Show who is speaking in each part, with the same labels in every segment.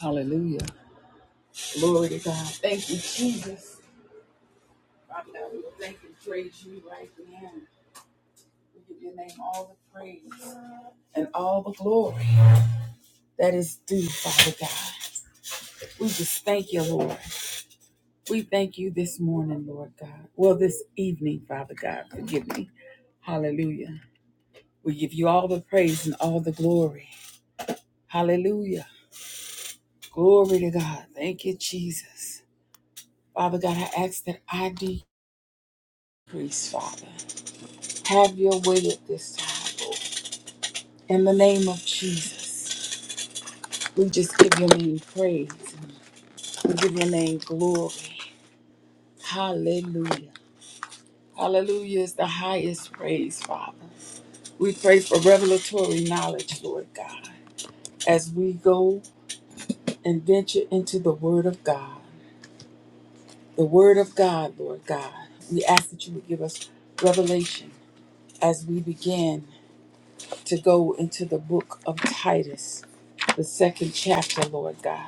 Speaker 1: Hallelujah. Glory to God. Thank you, Jesus. Father God, we thank and praise you right now. We give your name all the praise and all the glory that is due, Father God. We just thank you, Lord. We thank you this morning, Lord God. Well, this evening, Father God, forgive me. Hallelujah. We give you all the praise and all the glory. Hallelujah. Glory to God. Thank you, Jesus. Father God, I ask that I decrease, Father. Have your way at this time, Lord. In the name of Jesus, we just give your name praise. We give your name glory. Hallelujah. Hallelujah is the highest praise, Father. We pray for revelatory knowledge, Lord God, as we go and venture into the Word of God. The Word of God, Lord God. We ask that you would give us revelation as we begin to go into the book of Titus, the second chapter, Lord God.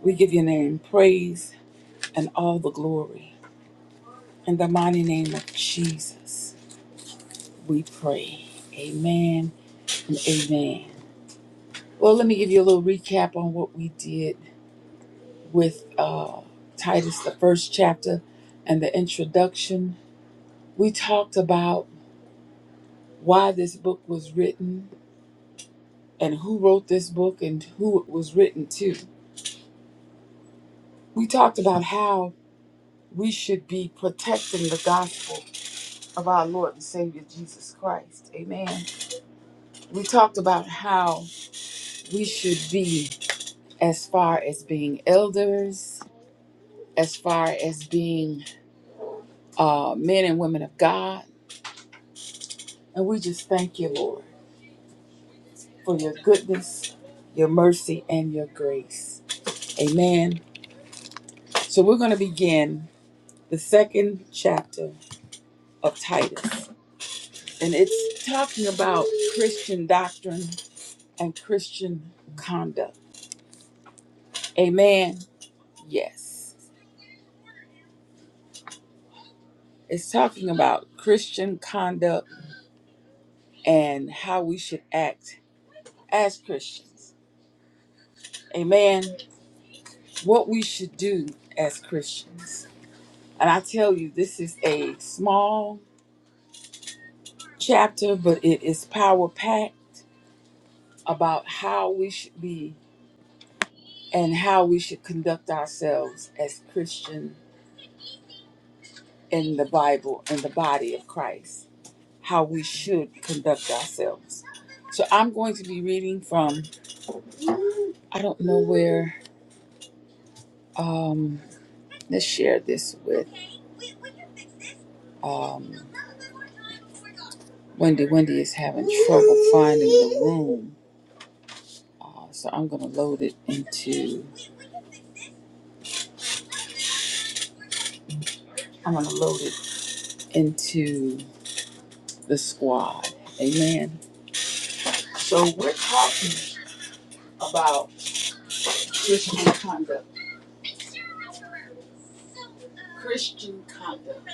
Speaker 1: We give your name praise and all the glory. In the mighty name of Jesus, we pray. Amen and amen. Well, let me give you a little recap on what we did with uh, Titus, the first chapter and the introduction. We talked about why this book was written and who wrote this book and who it was written to. We talked about how we should be protecting the gospel of our Lord and Savior Jesus Christ. Amen We talked about how we should be as far as being elders, as far as being uh, men and women of God. And we just thank you, Lord, for your goodness, your mercy, and your grace. Amen. So we're going to begin the second chapter of Titus. And it's talking about Christian doctrine and Christian conduct. Amen. Yes. It's talking about Christian conduct and how we should act as Christians. Amen. What we should do as Christians. And I tell you, this is a small chapter, but it is power packed about how we should be and how we should conduct ourselves as Christian in the Bible, in the body of Christ, how we should conduct ourselves. So I'm going to be reading from, I don't know where, um, Let's share this with um, Wendy. Wendy is having trouble finding the room, uh, so I'm gonna load it into. I'm gonna load it into the squad. Amen. So we're talking about Christian conduct. Christian conduct.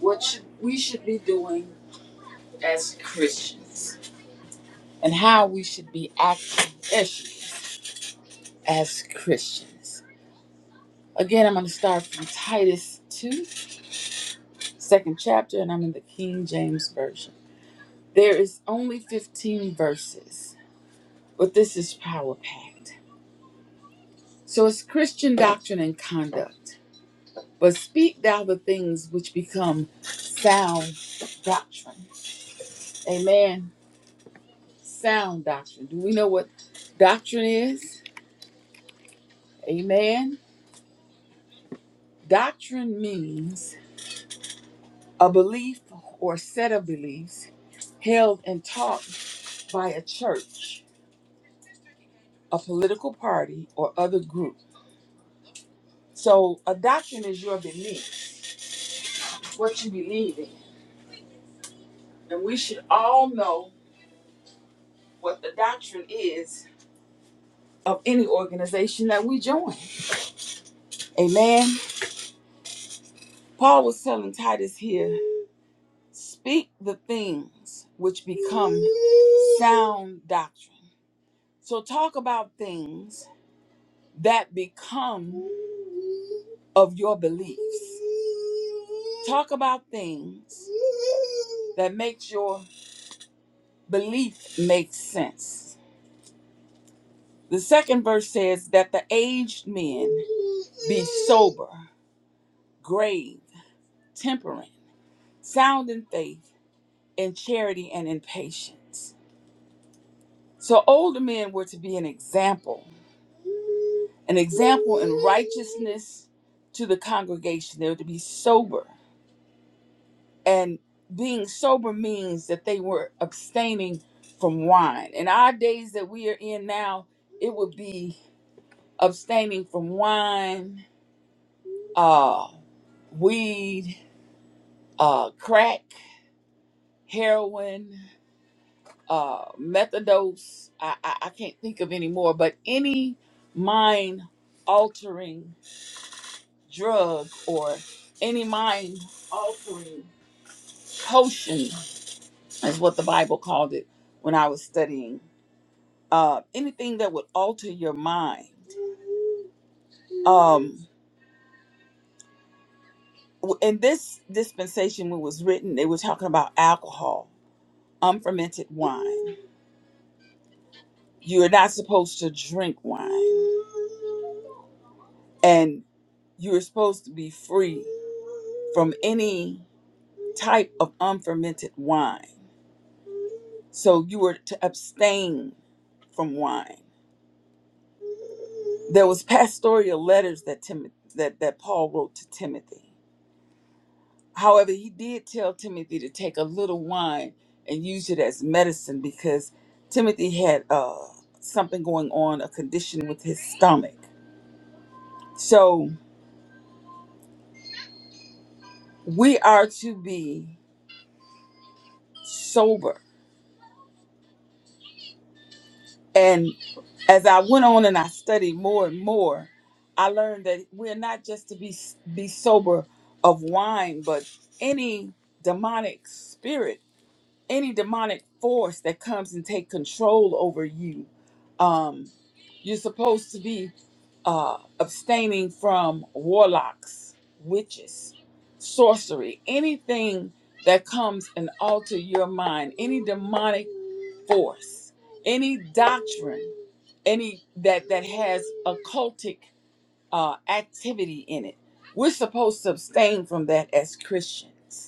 Speaker 1: What should we should be doing as Christians? and how we should be acting issues as Christians. Again, I'm going to start from Titus 2, second chapter, and I'm in the King James Version. There is only 15 verses, but this is power packed. So it's Christian doctrine and conduct. But speak thou the things which become sound doctrine. Amen. Sound doctrine. Do we know what doctrine is? Amen. Doctrine means a belief or set of beliefs held and taught by a church, a political party, or other group. So, a doctrine is your belief, what you believe in. And we should all know what the doctrine is of any organization that we join. Amen. Paul was telling Titus here speak the things which become sound doctrine. So, talk about things that become of your beliefs. Talk about things that makes your belief make sense. The second verse says that the aged men be sober, grave, temperate, sound in faith, in charity, and in patience. So older men were to be an example, an example in righteousness to the congregation. They were to be sober, and being sober means that they were abstaining from wine. In our days that we are in now, it would be abstaining from wine, uh, weed, uh, crack, heroin, uh, methadose. I, I, I can't think of any more, but any mind altering drug or any mind altering potion is what the Bible called it when I was studying uh, anything that would alter your mind. Um, w- in this dispensation, when it was written, they were talking about alcohol, unfermented wine. You are not supposed to drink wine, and you are supposed to be free from any type of unfermented wine. So you were to abstain from wine. There was pastoral letters that Timothy that, that Paul wrote to Timothy. However, he did tell Timothy to take a little wine and use it as medicine because Timothy had uh, something going on, a condition with his stomach. So we are to be sober. And as I went on and I studied more and more, I learned that we're not just to be be sober of wine, but any demonic spirit any demonic force that comes and take control over you um you're supposed to be uh abstaining from warlocks witches sorcery anything that comes and alter your mind any demonic force any doctrine any that that has occultic uh activity in it we're supposed to abstain from that as christians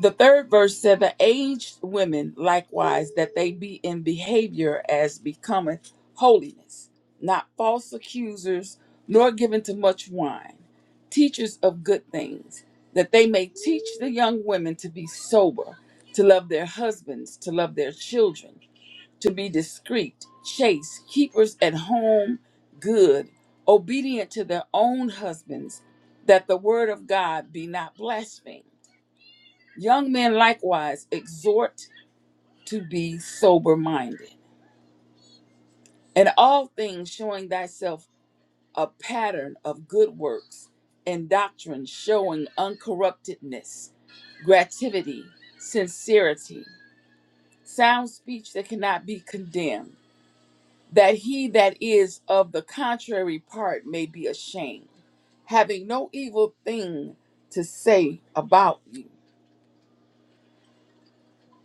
Speaker 1: The third verse said, The aged women likewise, that they be in behavior as becometh holiness, not false accusers, nor given to much wine, teachers of good things, that they may teach the young women to be sober, to love their husbands, to love their children, to be discreet, chaste, keepers at home, good, obedient to their own husbands, that the word of God be not blasphemed. Young men likewise exhort to be sober minded, in all things showing thyself a pattern of good works, and doctrine showing uncorruptedness, gratuity, sincerity, sound speech that cannot be condemned, that he that is of the contrary part may be ashamed, having no evil thing to say about you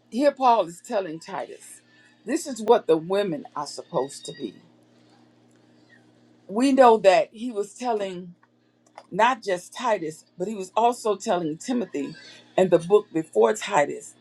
Speaker 1: Here, Paul is telling Titus, this is what the women are supposed to be. We know that he was telling not just Titus, but he was also telling Timothy and the book before Titus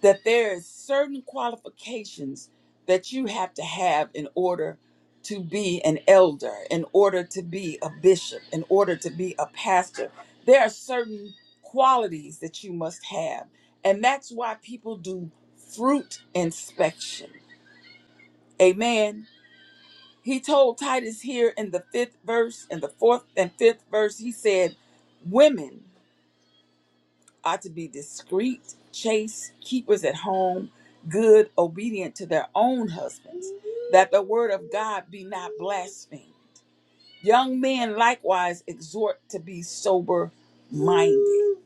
Speaker 1: that there is certain qualifications that you have to have in order to be an elder, in order to be a bishop, in order to be a pastor. There are certain qualities that you must have. And that's why people do fruit inspection. Amen. He told Titus here in the fifth verse, in the fourth and fifth verse, he said, Women. ought to be discreet, chaste, keepers at home, good, obedient to their own husbands, that the word of God be not blasphemed. Young men likewise exhort to be sober minded.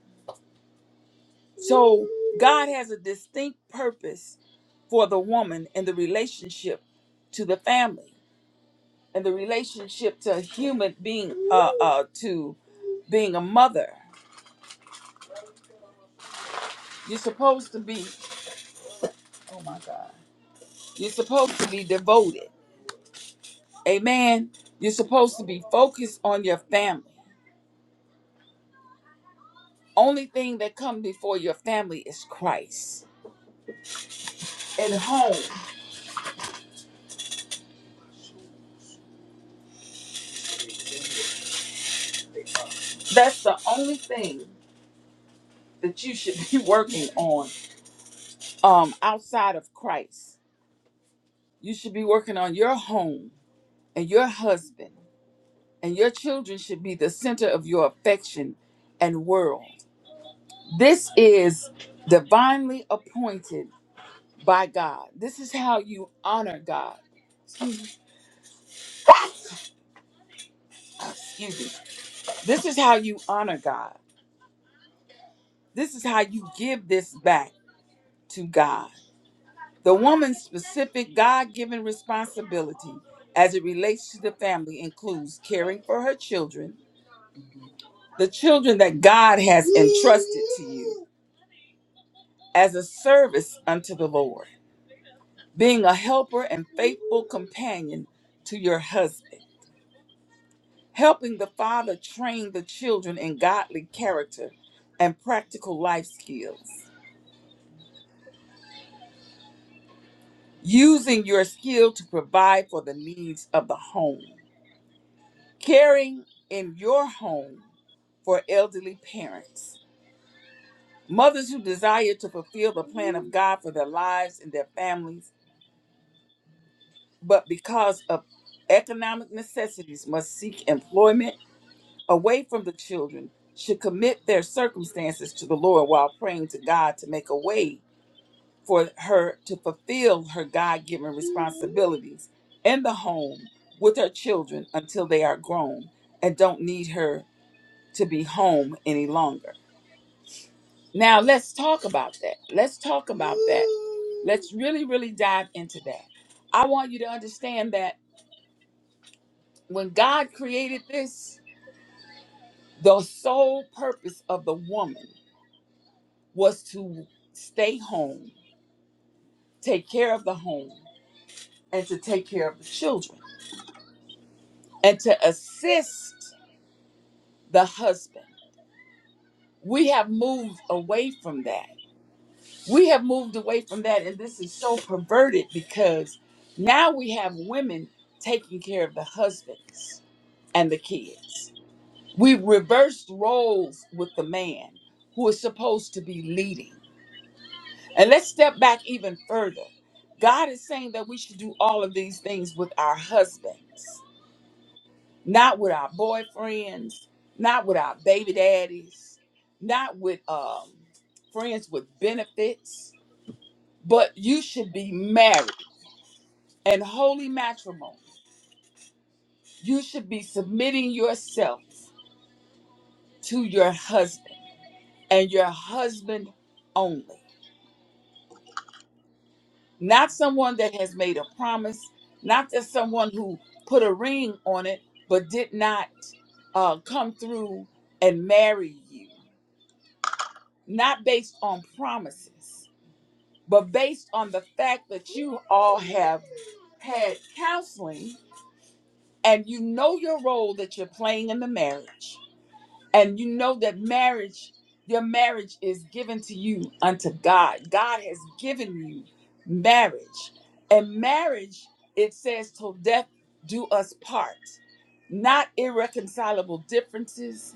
Speaker 1: So God has a distinct purpose for the woman in the relationship to the family and the relationship to human being uh, uh to being a mother. You're supposed to be oh my God. You're supposed to be devoted. Amen. You're supposed to be focused on your family. Only thing that comes before your family is Christ. And home, that's the only thing that you should be working on um, outside of Christ. You should be working on your home and your husband, and your children should be the center of your affection and world. This is divinely appointed by God. This is how you honor God. Excuse me. This is how you honor God. This is how you give this back to God. The woman's specific God given responsibility as it relates to the family includes caring for her children,
Speaker 2: Uh
Speaker 1: the children that God has entrusted to you, as a service unto the Lord, being a helper and faithful companion to your husband, helping the father train the children in godly character and practical life skills using your skill to provide for the needs of the home, caring in your home for elderly parents, mothers who desire to fulfill the plan of God for their lives and their families, but because of economic necessities must seek employment away from the children, should commit their circumstances to the Lord while praying to God to make a way for her to fulfill her God given responsibilities in the home with her children until they are grown and don't need her to be home any longer. Now, let's talk about that. Let's talk about that. Let's really, really dive into that. I want you to understand that when God created this, the sole purpose of the woman was to stay home, take care of the home, and to take care of the children. and to assist the husband. We have moved away from that. We have moved away from that, and this is so perverted because now we have women taking care of the husbands and the kids. We reversed roles with the man who is supposed to be leading. And let's step back even further. God is saying that we should do all of these things with our husbands. not with our boyfriends, not with our baby daddies, not with um, friends with benefits, but you should be married and holy matrimony. You should be submitting yourself to your husband and your husband only, not someone that has made a promise, not just someone who put a ring on it but did not uh, come through and marry you, not based on promises But based on the fact that you all have had counseling and you know your role that you're playing in the marriage, and you know that marriage, your marriage is given to you unto God. God has given you marriage. And marriage, it says, till death do us part, not irreconcilable differences,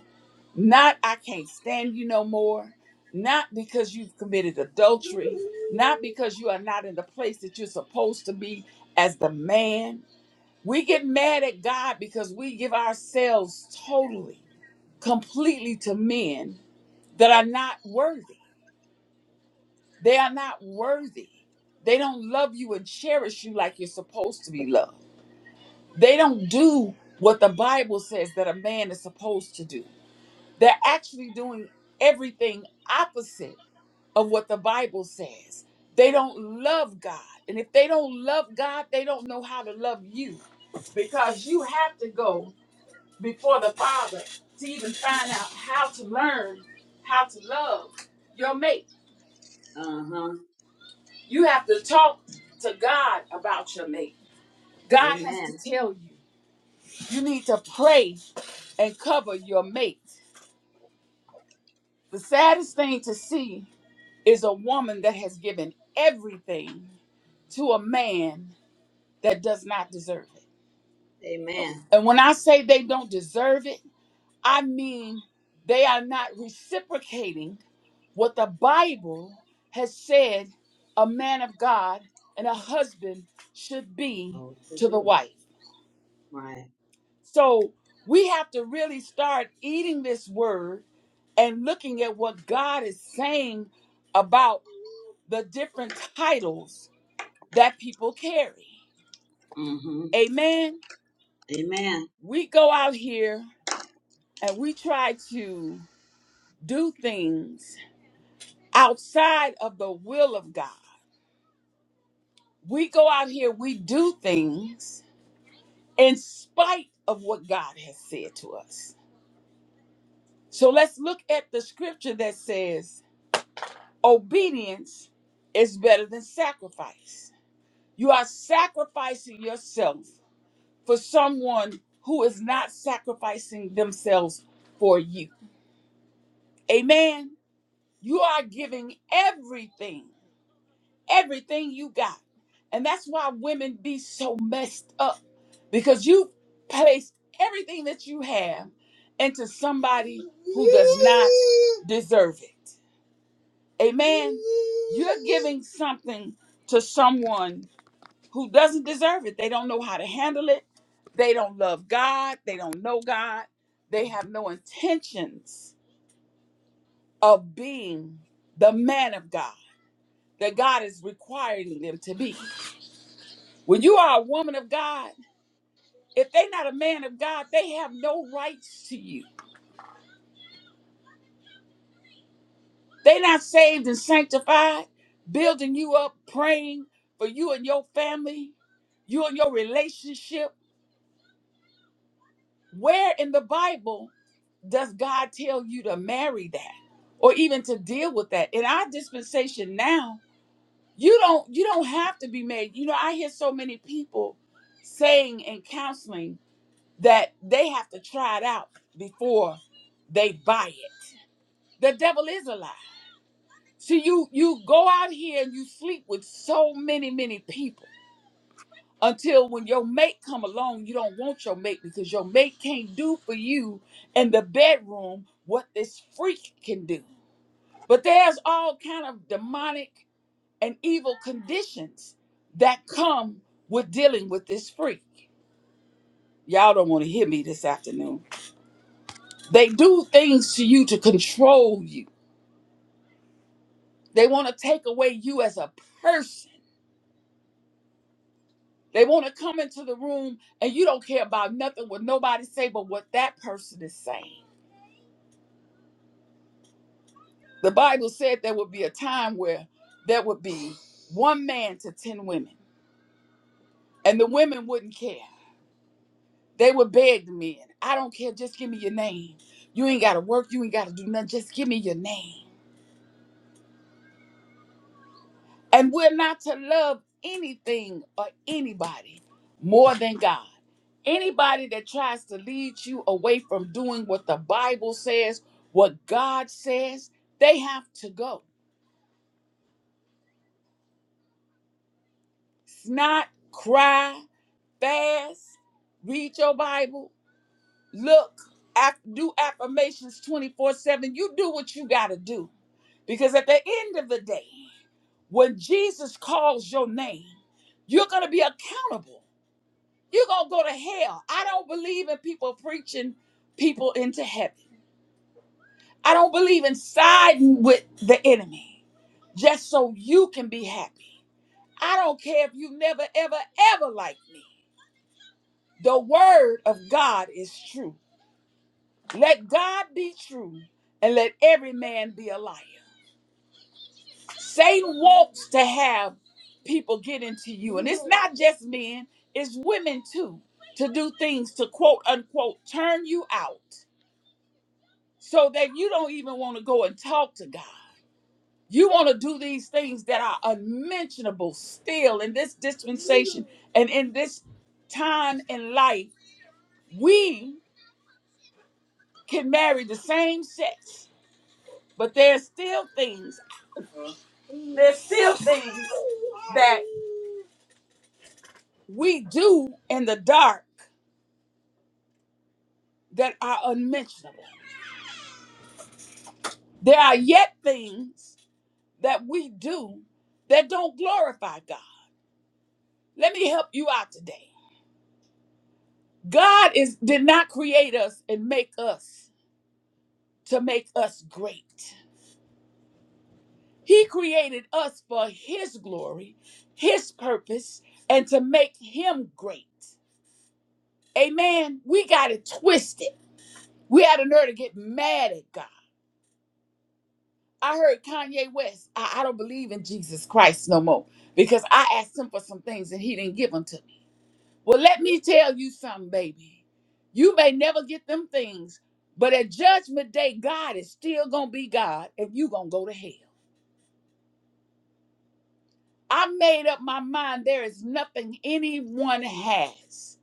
Speaker 1: not, I can't stand you no more. Not because you've committed adultery. Not because you are not in the place that you're supposed to be as the man. We get mad at God because we give ourselves totally, completely to men that are not worthy. They are not worthy. They don't love you and cherish you like you're supposed to be loved. They don't do what the Bible says that a man is supposed to do. They're actually doing everything opposite of what the Bible says. They don't love God. And if they don't love God, they don't know how to love you because you have to go before the Father to even find out how to learn how to love your mate.
Speaker 2: huh.
Speaker 1: You have to talk to God about your mate. God has to
Speaker 2: Amen.
Speaker 1: tell you. You need to pray and cover your mate. The saddest thing to see is a woman that has given everything to a man that does not deserve it.
Speaker 2: Amen.
Speaker 1: And when I say they don't deserve it, I mean they are not reciprocating what the Bible has said a man of God and a husband should be
Speaker 2: Oh, to
Speaker 1: to the
Speaker 2: do.
Speaker 1: wife.
Speaker 2: Right.
Speaker 1: So we have to really start eating this word and looking at what God is saying about the different titles that people carry.
Speaker 2: Mm hmm.
Speaker 1: Amen.
Speaker 2: Amen.
Speaker 1: We go out here and we try to do things outside of the will of God. We go out here, we do things in spite of what God has said to us. So let's look at the scripture that says, Obedience is better than sacrifice. You are sacrificing yourself for someone who is not sacrificing themselves for you. Amen. You are giving everything, everything you got. And that's why women be so messed up because you place everything that you have into somebody who does not deserve it. Amen. You're giving something to someone who doesn't deserve it. They don't know how to handle it. They don't love God. They don't know God. They have no intentions of being the man of God that God is requiring them to be. When you are a woman of God, if they're not a man of God, they have no rights to you. They're not saved and sanctified, building you up, praying for you and your family, you and your relationship. Where in the Bible does God tell you to marry that or even to deal with that? In our dispensation now, you don't you don't have to be made. You know, I hear so many people saying in counseling that they have to try it out before they buy it. The devil is a lie. See, you you go out here and you sleep with so many, many people until when your mate come along, you don't want your mate because your mate can't do for you in the bedroom what this freak can do. But there's all kind of demonic and evil conditions that come with dealing with this freak. Y'all don't want to hear me this afternoon. They do things to you to control you. They want to take away you as a person. They want to come into the room and you don't care about nothing what nobody say but what that person is saying. The Bible said there would be a time where there would be one man to 10 women and the women wouldn't care. They would beg the men, I don't care, just give me your name. You ain't got to work, you ain't got to do nothing, just give me your name. And we're not to love anything or anybody more than God. Anybody that tries to lead you away from doing what the Bible says, what God says, they have to go. Snot, cry, fast, read your Bible, look, aff- do affirmations 24 7. You do what you got to do. Because at the end of the day, when Jesus calls your name, you're going to be accountable You're going to go to hell. I don't believe in people preaching people into heaven. I don't believe in siding with the enemy just so you can be happy. I don't care if you never, ever, ever like me. The word of God is true. Let God be true and let every man be a liar. Satan wants to have people get into you. And it's not just men, it's women too, to do things to quote unquote turn you out so that you don't even want to go and talk to God. You want to do these things that are unmentionable still in this dispensation and in this time in life. We can marry the same sex, but there's still things, there's still things that we do in the dark that are unmentionable. There are yet things that we do that don't glorify God. Let me help you out today. God is did not create us and make us to make us great. He created us for his glory, his purpose, and to make him great. Amen. We got it twisted. We had a nerve to get mad at God. I heard Kanye West, I, I don't believe in Jesus Christ no more because I asked him for some things and he didn't give them to me. Well, let me tell you something, baby. You may never get them things, but at judgment day, God is still going to be God and you going to go to hell. I made up my mind there is nothing anyone has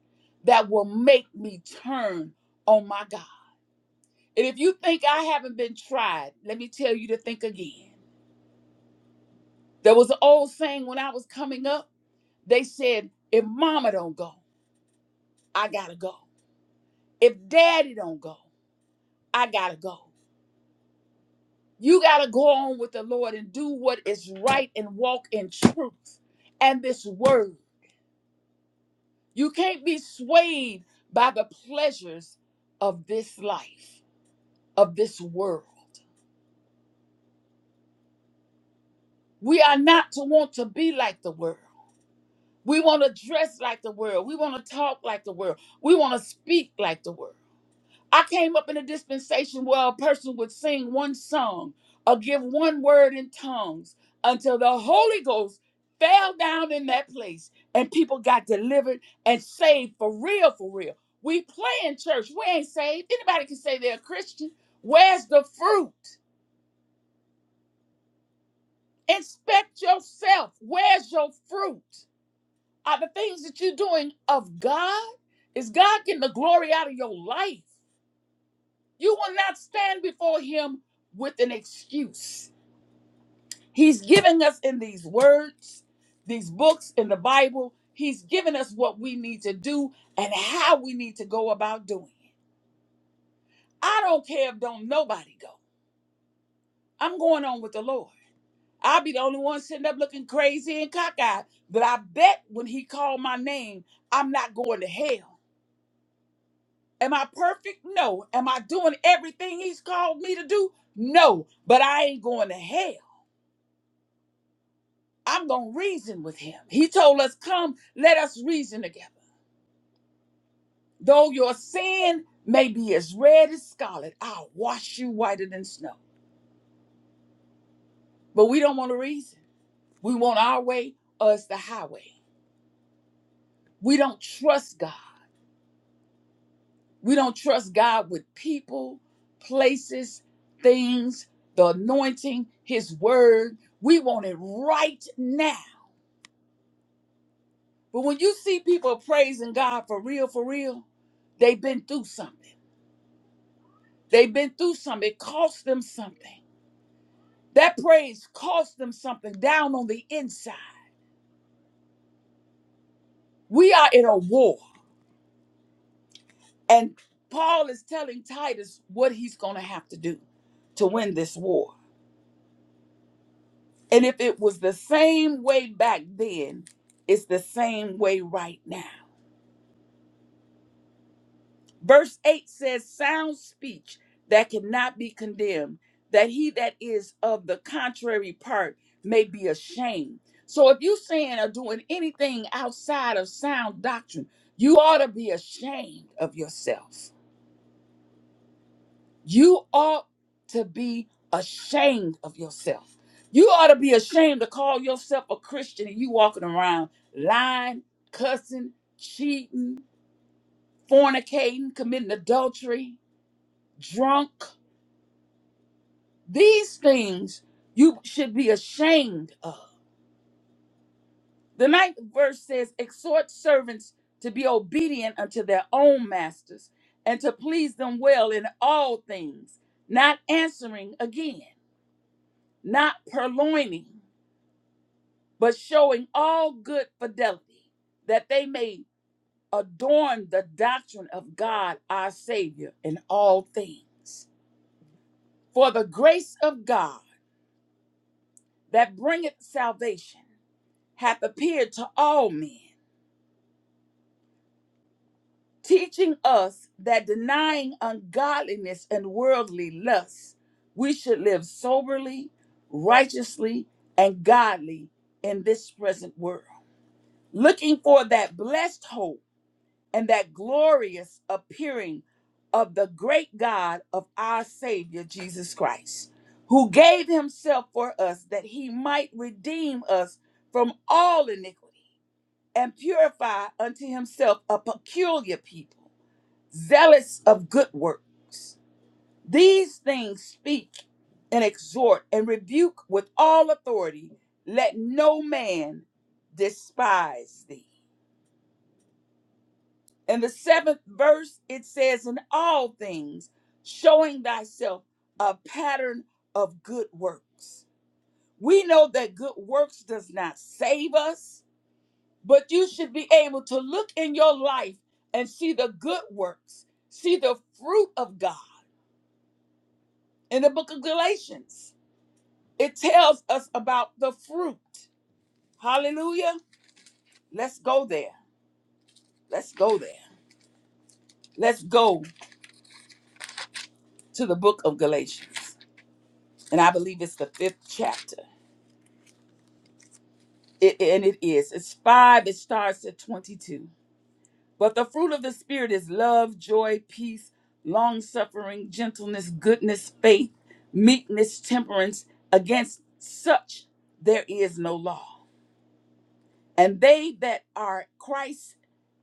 Speaker 1: that will make me turn on my God. And if you think I haven't been tried, let me tell you to think again. There was an old saying when I was coming up, they said, if mama don't go, I gotta go. If daddy don't go, I gotta go. You got to go on with the Lord and do what is right and walk in truth and this word. You can't be swayed by the pleasures of this life, of this world. We are not to want to be like the world. We want to dress like the world. We want to talk like the world. We want to speak like the world. I came up in a dispensation where a person would sing one song or give one word in tongues until the Holy Ghost fell down in that place and people got delivered and saved for real, for real. We play in church, we ain't saved. Anybody can say they're a Christian. Where's the fruit? Inspect yourself. Where's your fruit? Are the things that you're doing of God? Is God getting the glory out of your life? You will not stand before him with an excuse. He's giving us in these words, these books in the Bible, he's giving us what we need to do and how we need to go about doing it. I don't care if don't nobody go. I'm going on with the Lord. I'll be the only one sitting up looking crazy and cockeyed. But I bet when he called my name, I'm not going to hell. Am I perfect? No. Am I doing everything he's called me to do? No. But I ain't going to hell. I'm going to reason with him. He told us, Come, let us reason together. Though your sin may be as red as scarlet, I'll wash you whiter than snow. But we don't want to reason. We want our way or it's the highway. We don't trust God. We don't trust God with people, places, things, the anointing, his word. We want it right now. But when you see people praising God for real, for real, they've been through something. They've been through something. It cost them something. That praise cost them something down on the inside. We are in a war. And Paul is telling Titus what he's going to have to do to win this war. And if it was the same way back then, it's the same way right now. Verse 8 says, Sound speech that cannot be condemned, that he that is of the contrary part may be ashamed. So if you're saying or doing anything outside of sound doctrine, you ought to be ashamed of yourself. You ought to be ashamed of yourself. You ought to be ashamed to call yourself a Christian and you walking around lying, cussing, cheating, fornicating, committing adultery, drunk, These things you should be ashamed of. The ninth verse says, Exhort servants to be obedient unto their own masters and to please them well in all things, not answering again, not purloining, but showing all good fidelity, that they may adorn the doctrine of God our Savior in all things. For the grace of God that bringeth salvation hath appeared to all men, teaching us that denying ungodliness and worldly lusts, we should live soberly, righteously, and godly in this present world, looking for that blessed hope and that glorious appearing of the great God of our Savior Jesus Christ, who gave himself for us that he might redeem us from all iniquity and purify unto himself a peculiar people, zealous of good works. These things speak and exhort and rebuke with all authority. Let no man despise thee. In the seventh verse, it says, In all things, showing thyself a pattern of good works. We know that good works does not save us but you should be able to look in your life and see the good works, see the fruit of God. In the book of Galatians, it tells us about the fruit. Hallelujah. Let's go there. Let's go there. Let's go to the book of Galatians. And I believe it's the fifth chapter. It, and it is. It's five. It starts at 22. But the fruit of the Spirit is love, joy, peace, long suffering, gentleness, goodness, faith, meekness, temperance. Against such there is no law. And they that are Christ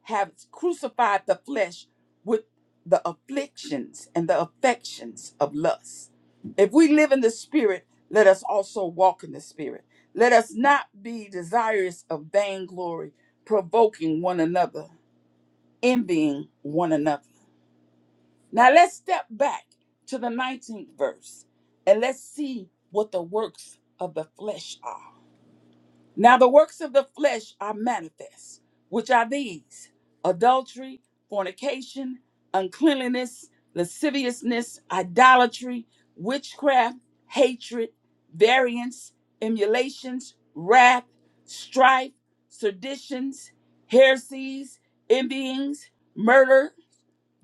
Speaker 1: have crucified the flesh with the afflictions and the affections of lust. If we live in the Spirit, let us also walk in the Spirit. Let us not be desirous of vainglory, provoking one another envying one another. Now let's step back to the 19th verse and let's see what the works of the flesh are. Now the works of the flesh are manifest, which are these adultery, fornication, uncleanliness, lasciviousness, idolatry, witchcraft, hatred, variance, emulations, wrath, strife, seditions, heresies, envyings, murder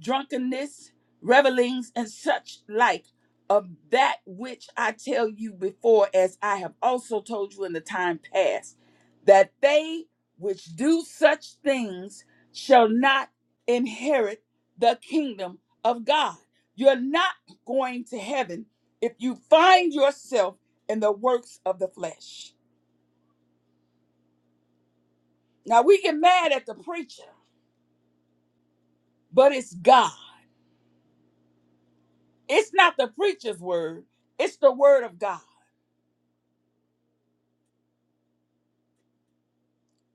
Speaker 1: drunkenness, revelings, and such like of that which I tell you before, as I have also told you in the time past, that they which do such things shall not inherit the kingdom of God. You're not going to heaven if you find yourself in the works of the flesh. Now, we get mad at the preacher, but it's God. It's not the preacher's word, it's the word of God.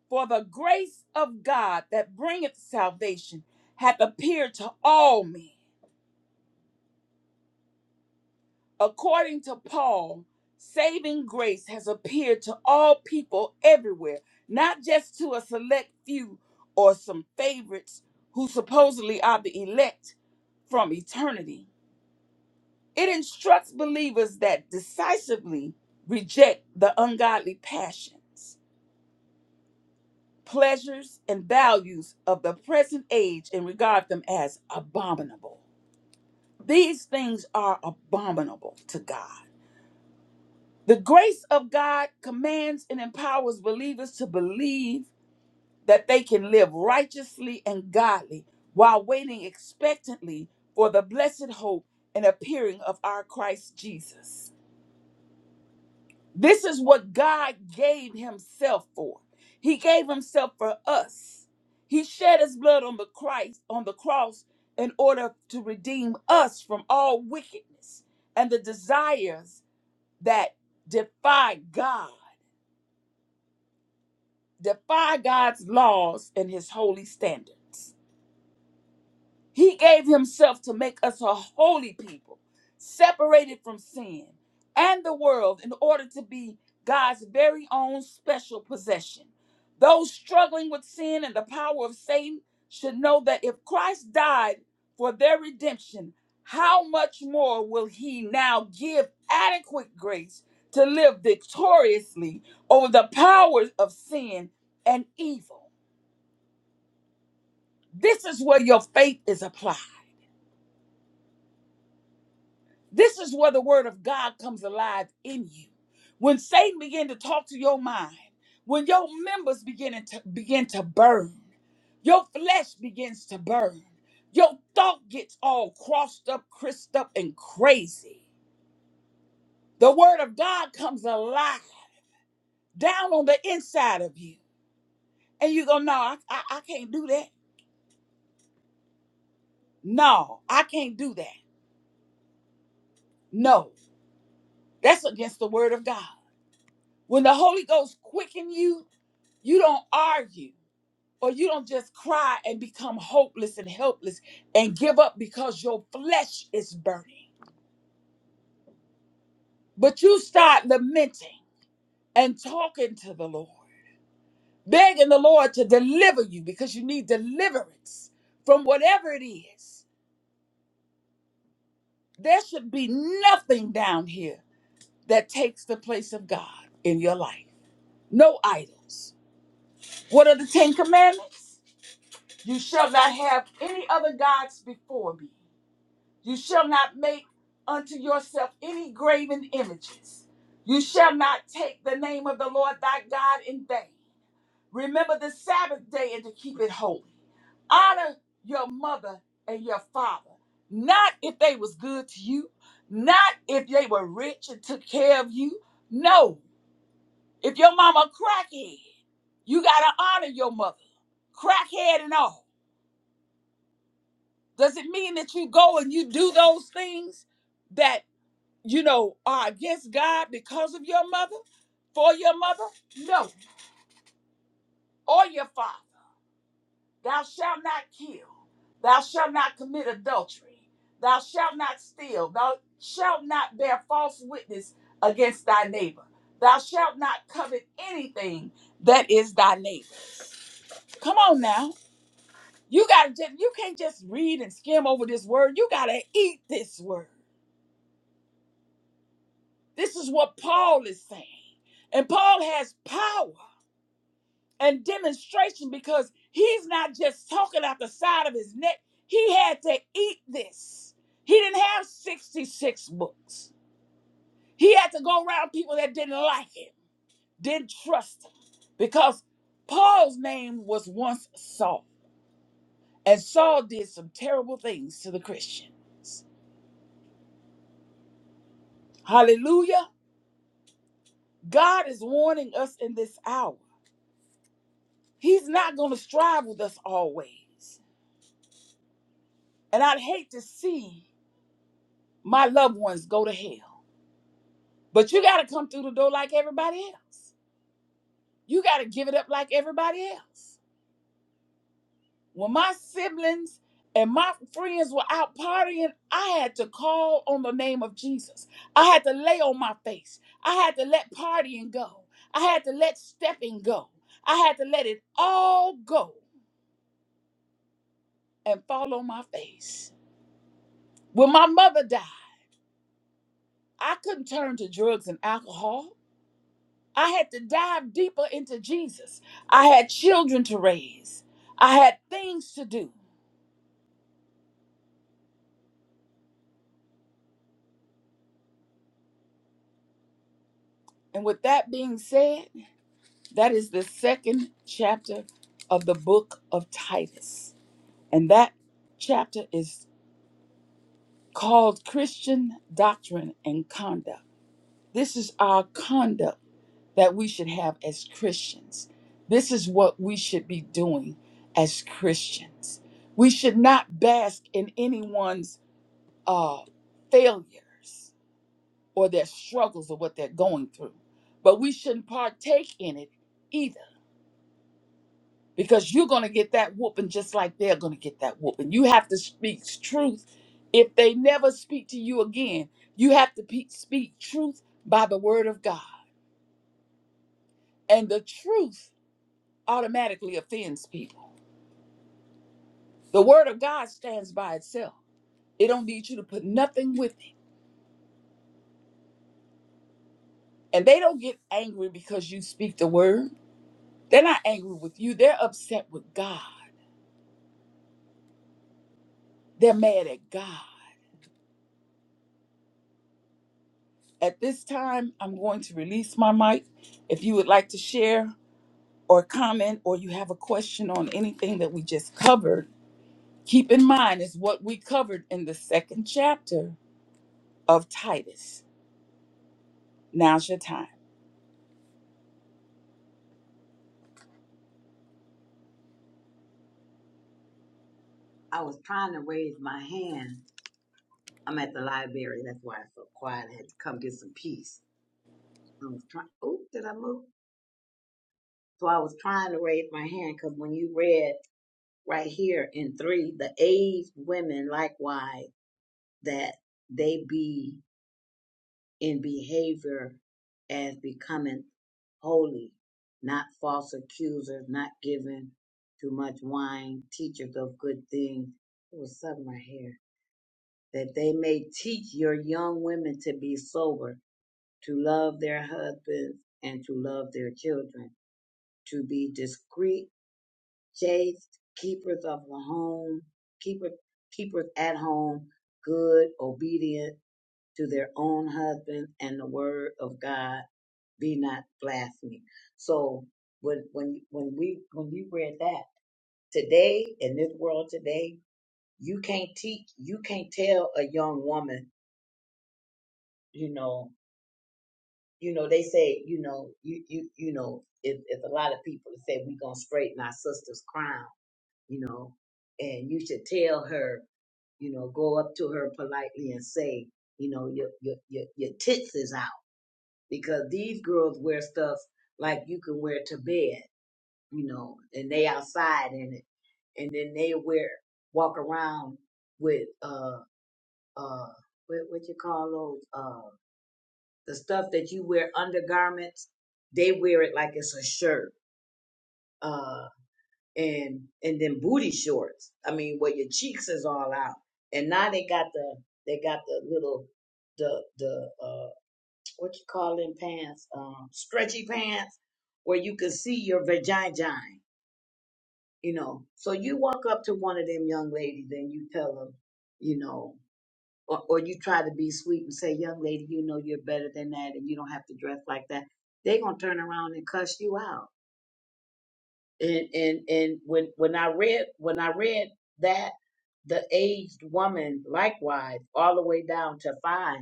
Speaker 1: For the grace of God that bringeth salvation hath appeared to all men. According to Paul, saving grace has appeared to all people everywhere, not just to a select few or some favorites who supposedly are the elect from eternity. It instructs believers that decisively reject the ungodly passions pleasures and values of the present age and regard them as abominable. These things are abominable to God. The grace of God commands and empowers believers to believe that they can live righteously and godly while waiting expectantly for the blessed hope and appearing of our Christ Jesus. This is what God gave himself for. He gave himself for us. He shed his blood on the Christ on the cross in order to redeem us from all wickedness and the desires that defy God, defy God's laws and his holy standards. He gave himself to make us a holy people, separated from sin and the world in order to be God's very own special possession. Those struggling with sin and the power of Satan should know that if Christ died for their redemption, how much more will he now give adequate grace to live victoriously over the powers of sin and evil? This is where your faith is applied. This is where the word of God comes alive in you. When Satan began to talk to your mind, when your members begin to begin to burn, your flesh begins to burn. Your thought gets all crossed up, crisped up, and crazy. The word of God comes alive down on the inside of you. And you go, no, I, I, I can't do that. No, I can't do that. No, that's against the word of God. When the Holy Ghost quicken you, you don't argue. or you don't just cry and become hopeless and helpless and give up because your flesh is burning. But you start lamenting and talking to the Lord, begging the Lord to deliver you because you need deliverance from whatever it is. There should be nothing down here that takes the place of God in your life. No idols. What are the Ten Commandments? You shall not have any other gods before me. You shall not make unto yourself any graven images. You shall not take the name of the Lord thy God in vain. Remember the Sabbath day and to keep it holy. Honor your mother and your father, not if they was good to you, not if they were rich and took care of you. No, if your mama crackhead, you gotta honor your mother, crackhead and all. Does it mean that you go and you do those things? that? you know, are against God because of your mother, for your mother? No, or your father. Thou shalt not kill. Thou shalt not commit adultery. Thou shalt not steal. Thou shalt not bear false witness against thy neighbor. Thou shalt not covet anything that is thy neighbor. Come on now. You gotta just you can't just read and skim over this word. You gotta eat this word. This is what Paul is saying. And Paul has power. and demonstration because he's not just talking out the side of his neck. He had to eat this. He didn't have 66 books. He had to go around people that didn't like him, didn't trust him, because Paul's name was once Saul, and Saul did some terrible things to the Christians. Hallelujah. God is warning us in this hour. He's not going to strive with us always. And I'd hate to see my loved ones go to hell. But you got to come through the door like everybody else. You got to give it up like everybody else. When my siblings and my friends were out partying, I had to call on the name of Jesus. I had to lay on my face. I had to let partying go. I had to let stepping go. I had to let it all go and fall on my face. When my mother died, I couldn't turn to drugs and alcohol. I had to dive deeper into Jesus. I had children to raise, I had things to do. And with that being said, that is the second chapter of the book of Titus. And that chapter is called Christian Doctrine and Conduct. This is our conduct that we should have as Christians. This is what we should be doing as Christians. We should not bask in anyone's uh, failures or their struggles or what they're going through. But we shouldn't partake in it either because you're going to get that whooping just like they're going to get that whooping. You have to speak truth. If they never speak to you again, you have to pe- speak truth by the word of God. And the truth automatically offends people. The word of God stands by itself, it don't need you to put nothing with it. And they don't get angry because you speak the word. They're not angry with you, they're upset with God. They're mad at God. At this time, I'm going to release my mic. If you would like to share or comment, or you have a question on anything that we just covered, keep in mind is what we covered in the second chapter of Titus. Now's your time.
Speaker 2: I was trying to raise my hand. I'm at the library. That's why it's so quiet. I had to come get some peace. I was trying. Oh, did I move? So I was trying to raise my hand because when you read right here in three, the aged women likewise that they be. in behavior as becoming holy, not false accusers, not giving too much wine, teachers of good things. It was something right here. That they may teach your young women to be sober, to love their husbands, and to love their children, to be discreet, chaste, keepers of the home, keepers, keepers at home, good, obedient to their own husbands and the word of God be not blasphemy. So when when when we when you read that today in this world today, you can't teach, you can't tell a young woman, you know, you know they say, you know, you you you know, if if a lot of people say we gonna straighten our sister's crown, you know, and you should tell her, you know, go up to her politely and say, you know, your your your, your tits is out because these girls wear stuff like you can wear to bed you know, and they outside in it, and then they wear walk around with uh uh what what you call those uh the stuff that you wear undergarments. They wear it like it's a shirt, uh, and and then booty shorts. I mean, where your cheeks is all out, and now they got the they got the little the the uh what you call them pants um stretchy pants where you can see your vagina you know. So you walk up to one of them young ladies and you tell them, you know, or, or you try to be sweet and say, young lady, you know you're better than that and you don't have to dress like that. They're gonna turn around and cuss you out. And and and when when I read when I read that the aged woman likewise all the way down to five,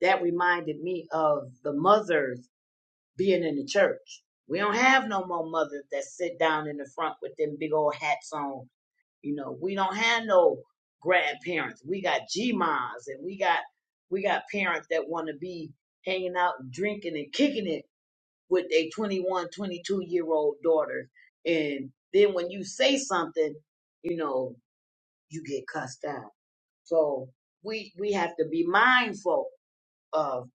Speaker 2: that reminded me of the mothers being in the church. We don't have no more mothers that sit down in the front with them big old hats on you know, we don't have no grandparents. We got G moms and we got we got parents that want to be hanging out and drinking and kicking it with their 2122 year old daughters. And then when you say something, you know, you get cussed out. So we we have to be mindful of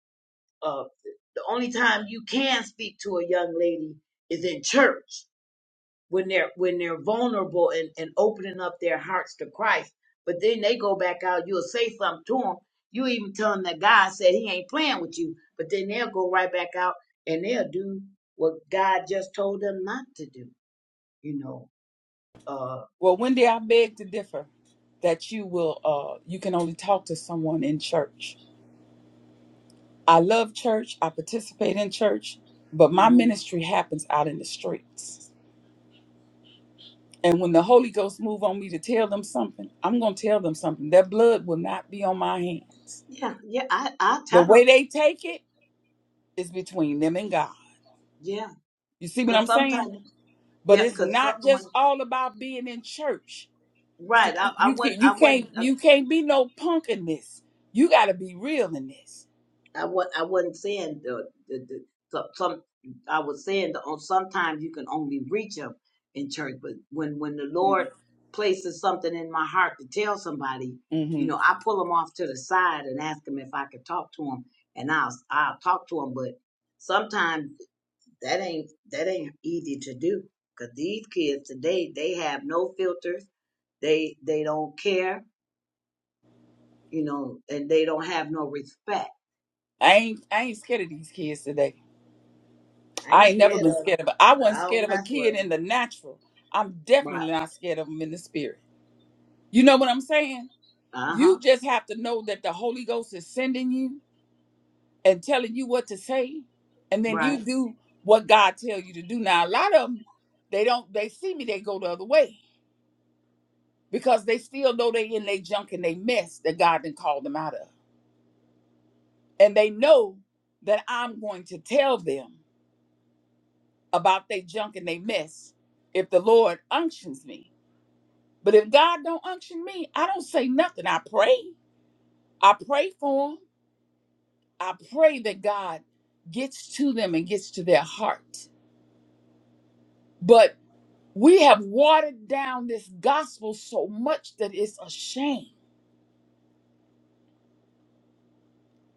Speaker 2: of the only time you can speak to a young lady is in church when they're when they're vulnerable and, and opening up their hearts to Christ. But then they go back out. You'll say something to them. You even tell them that God said He ain't playing with you. But then they'll go right back out and they'll do what God just told them not to do. You know. Uh.
Speaker 1: Well, Wendy, I beg to differ that you will uh you can only talk to someone in church. I love church, I participate in church, but my
Speaker 2: hmm
Speaker 1: ministry happens out in the streets. And when the Holy Ghost move on me to tell them something, I'm going to tell them something. That blood will not be on my hands.
Speaker 2: Yeah. Yeah. I I
Speaker 1: The
Speaker 2: tell
Speaker 1: way
Speaker 2: them.
Speaker 1: they take it is between them and God.
Speaker 2: Yeah.
Speaker 1: You see what
Speaker 2: Cause
Speaker 1: I'm saying?
Speaker 2: sometimes.
Speaker 1: But
Speaker 2: Yeah.
Speaker 1: it's
Speaker 2: Cause some,
Speaker 1: not
Speaker 2: when,
Speaker 1: just all about being in church. See,
Speaker 2: right. I I
Speaker 1: you you can't
Speaker 2: wasn't
Speaker 1: you
Speaker 2: I
Speaker 1: can't
Speaker 2: wasn't.
Speaker 1: you can't be no punk in this. You got to be real in this.
Speaker 2: I was I wasn't saying the the, the some, some I was saying that on sometimes you can only reach them in church, but when when the
Speaker 1: Mm,
Speaker 2: Lord places something in my heart to tell somebody, you know,
Speaker 1: Mm-hmm.
Speaker 2: I pull them off to the side and ask them if I could talk to them, and I'll I'll talk to them. But sometimes that ain't that ain't easy to do because these kids today they have no filters, they they don't care, you know, and they don't have no respect
Speaker 1: I ain't I ain't scared of these kids today.
Speaker 2: I ain't
Speaker 1: I ain't never
Speaker 2: scared
Speaker 1: been
Speaker 2: of him,
Speaker 1: scared of. I I
Speaker 2: but I
Speaker 1: wasn't scared
Speaker 2: don't
Speaker 1: of a
Speaker 2: mess with
Speaker 1: kid in
Speaker 2: him.
Speaker 1: the natural. I'm
Speaker 2: Right.
Speaker 1: definitely not scared of them in the spirit. You know what I'm saying?
Speaker 2: Uh huh.
Speaker 1: You just have to know that the Holy Ghost is sending you and telling you what to say, and then you
Speaker 2: Right.
Speaker 1: do what God tell you to do. Now, a lot of them, they don't. They see me, they go the other way because they still know they in their junk and they mess that God didn't call them out of, and they know that I'm going to tell them about their junk and they mess if the Lord unctions me. But if God don't unction me, I don't say nothing. I pray. I pray for them. I pray that God gets to them and gets to their heart. But we have watered down this gospel so much that it's a shame.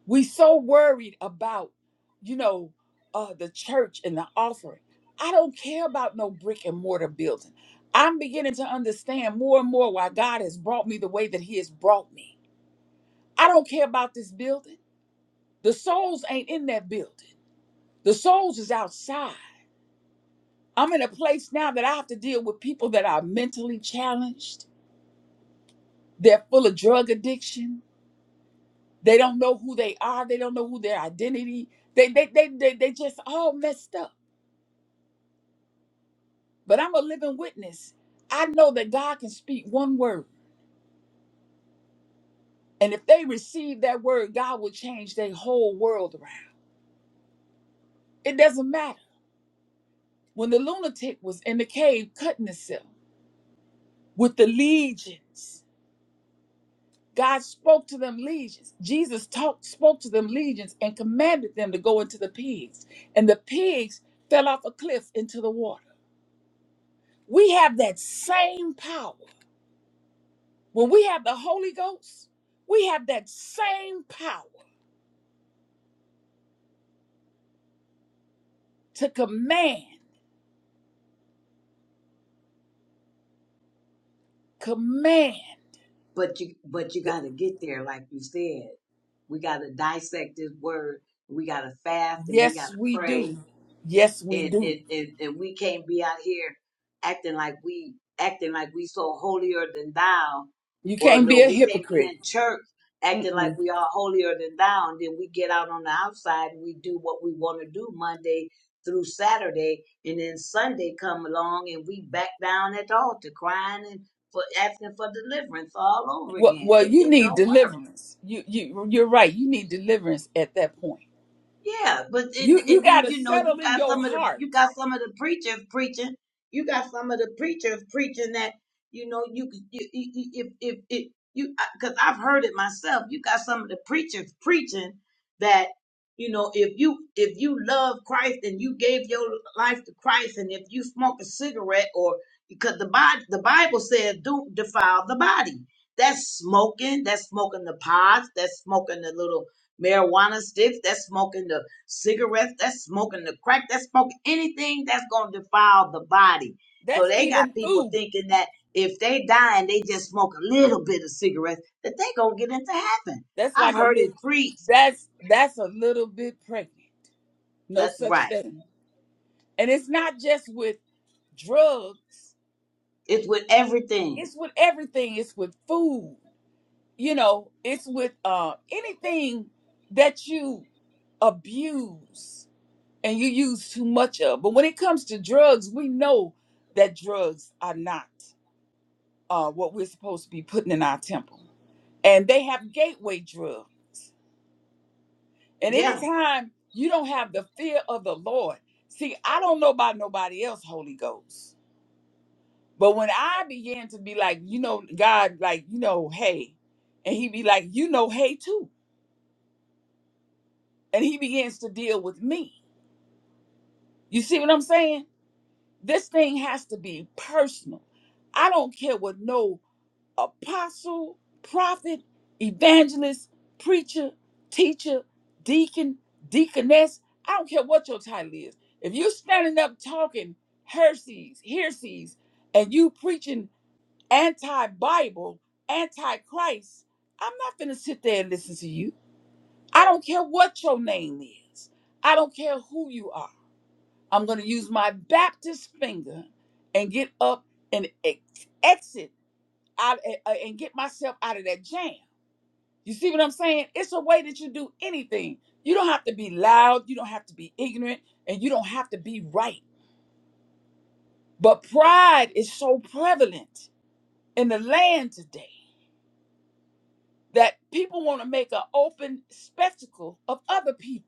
Speaker 1: We so worried about, you know, uh, the church and the offering. I don't care about no brick and mortar building. I'm beginning to understand more and more why God has brought me the way that He has brought me. I don't care about this building. The souls ain't in that building. The souls is outside. I'm in a place now that I have to deal with people that are mentally challenged. They're full of drug addiction. They don't know who they are. They don't know who their identity. They they they they, they just all messed up. But I'm a living witness. I know that God can speak one word. And if they receive that word, God will change their whole world around. It doesn't matter. When the lunatic was in the cave cutting himself with the legions, God spoke to them legions. Jesus talked, spoke to them legions and commanded them to go into the pigs. And the pigs fell off a cliff into the water. We have that same power. When we have the Holy Ghost, we have that same power to command, command.
Speaker 2: But you but you
Speaker 1: The-
Speaker 2: gotta get there, like you said. We gotta dissect this word. We gotta fast and we
Speaker 1: Yes,
Speaker 2: gotta
Speaker 1: we
Speaker 2: pray
Speaker 1: do. Yes, we
Speaker 2: and
Speaker 1: do.
Speaker 2: and and, and we can't be out here acting like we acting like we so holier than thou
Speaker 1: You
Speaker 2: or
Speaker 1: can't
Speaker 2: no
Speaker 1: be a
Speaker 2: we can't be in
Speaker 1: hypocrite.
Speaker 2: church acting like
Speaker 1: Mm-mm.
Speaker 2: we are holier than thou and then we get out on the outside and we do what we want to do monday through saturday and then sunday come along and we back down at the altar crying and for asking for deliverance all over
Speaker 1: Well,
Speaker 2: again
Speaker 1: well,
Speaker 2: it,
Speaker 1: you
Speaker 2: it
Speaker 1: need
Speaker 2: don't work
Speaker 1: deliverance. You, you, you're right. You need deliverance at that point
Speaker 2: Yeah, but it,
Speaker 1: You you
Speaker 2: and then
Speaker 1: gotta
Speaker 2: you know you
Speaker 1: settle in
Speaker 2: got
Speaker 1: your
Speaker 2: some of the
Speaker 1: heart.
Speaker 2: you got some of the preachers preaching. You got some of the preachers preaching that you know you you, you you- if if if you because I've heard it myself. You got some of the preachers preaching that you know if you if you love Christ and you gave your life to Christ and if you smoke a cigarette or because the Bible the Bible says do defile the body. That's smoking. That's smoking the pods. That's smoking the little marijuana sticks, that's smoking the cigarettes, that's smoking the crack, that's smoking anything that's going to defile the body. So
Speaker 1: That's
Speaker 2: they got
Speaker 1: even
Speaker 2: people
Speaker 1: food.
Speaker 2: thinking that if they die and they just smoke a little bit of cigarettes, that they going to get into heaven.
Speaker 1: That's
Speaker 2: I've
Speaker 1: like a
Speaker 2: heard it
Speaker 1: little
Speaker 2: preached.
Speaker 1: that's that's a little bit pregnant. No
Speaker 2: That,
Speaker 1: such
Speaker 2: right.
Speaker 1: thing. And it's not just with drugs,
Speaker 2: It's with everything.
Speaker 1: it's with everything. It's with food, you know, it's with uh anything that you abuse and you use too much of. But when it comes to drugs, we know that drugs are not uh what we're supposed to be putting in our temple. and they have gateway drugs. And
Speaker 2: Yeah.
Speaker 1: anytime you don't have the fear of the Lord, see, I don't know about nobody else, Holy Ghost. But when I began to be like, you know, God, like, you know, hey, and he be like, you know, hey, too. And he begins to deal with me. You see what I'm saying? This thing has to be personal. I don't care what no apostle, prophet, evangelist, preacher, teacher, deacon, deaconess. I don't care what your title is. If you're standing up talking heresies, heresies, and you preaching anti-Bible, anti-Christ, I'm not gonna sit there and listen to you. I don't care what your name is. I don't care who you are. I'm gonna use my Baptist finger and get up and ex- exit out uh, and get myself out of that jam. You see what I'm saying? It's a way that you do anything. You don't have to be loud, you don't have to be ignorant, and you don't have to be right. But pride is so prevalent in the land today that people want to make an open spectacle of other people.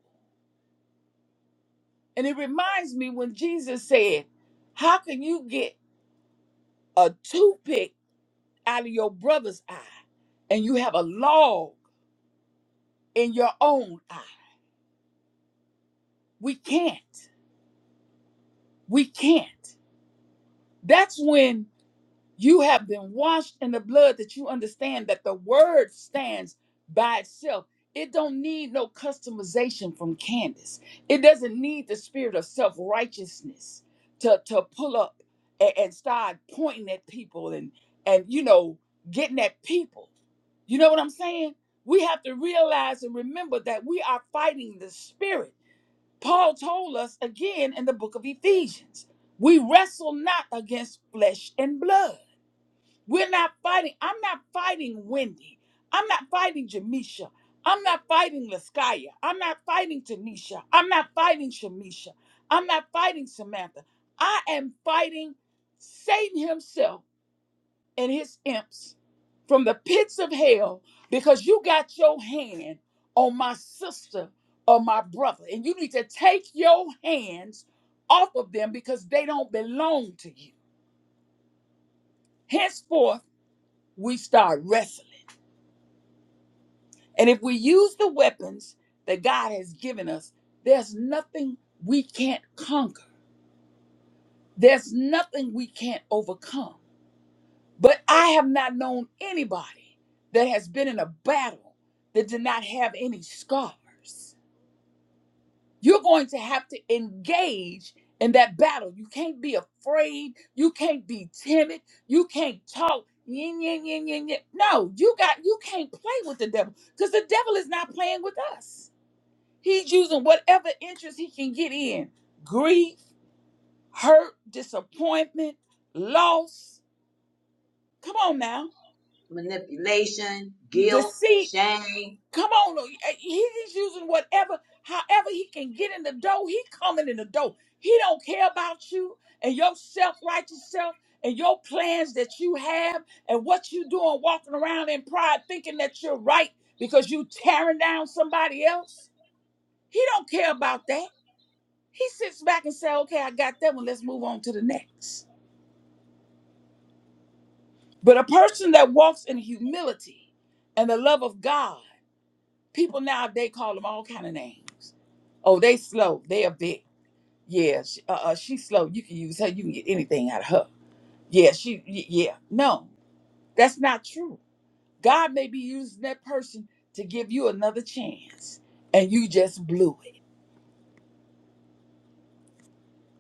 Speaker 1: And it reminds me when Jesus said, How can you get a toothpick out of your brother's eye and you have a log in your own eye? We can't. We can't. That's when you have been washed in the blood that you understand that the word stands by itself. It don't need no customization from Candace. It doesn't need the spirit of self-righteousness to, to pull up a- and, start pointing at people and and you know getting at people. You know what I'm saying? We have to realize and remember that we are fighting the spirit. Paul told us again in the book of Ephesians we wrestle not against flesh and blood. We're not fighting. I'm not fighting Wendy. I'm not fighting Jamisha. I'm not fighting Laskaya. I'm not fighting Tanisha. I'm not fighting Shamisha. I'm not fighting Samantha. I am fighting Satan himself and his imps from the pits of hell because you got your hand on my sister or my brother. And you need to take your hands off of them because they don't belong to you. Henceforth, we start wrestling. And if we use the weapons that God has given us, there's nothing we can't conquer, there's nothing we can't overcome. But I have not known anybody that has been in a battle that did not have any scars. You're going to have to engage in that battle. You can't be afraid. You can't be timid. You can't talk. Yin, yin, yin, yin, yin. No, you got you can't play with the devil because the devil is not playing with us. He's using whatever interest he can get in. Grief, hurt, disappointment, loss. Come on now.
Speaker 2: Manipulation, guilt,
Speaker 1: Deceit
Speaker 2: shame,
Speaker 1: Come on, uh, he's using whatever, however he can get in the door. He coming in the door. He don't care about you and your self righteous self and your plans that you have and what you doing walking around in pride, thinking that you're right because you tearing down somebody else. He don't care about that. He sits back and say, "Okay, I got that one. Let's move on to the next." But a person that walks in humility and the love of God, people nowadays call them all kind of names Oh, they slow. They a bit. Yeah, she, uh, uh, she's slow. You can use her. You can get anything out of her. Yeah, she. y- Yeah, no, that's not true. God may be using that person to give you another chance, and you just blew it.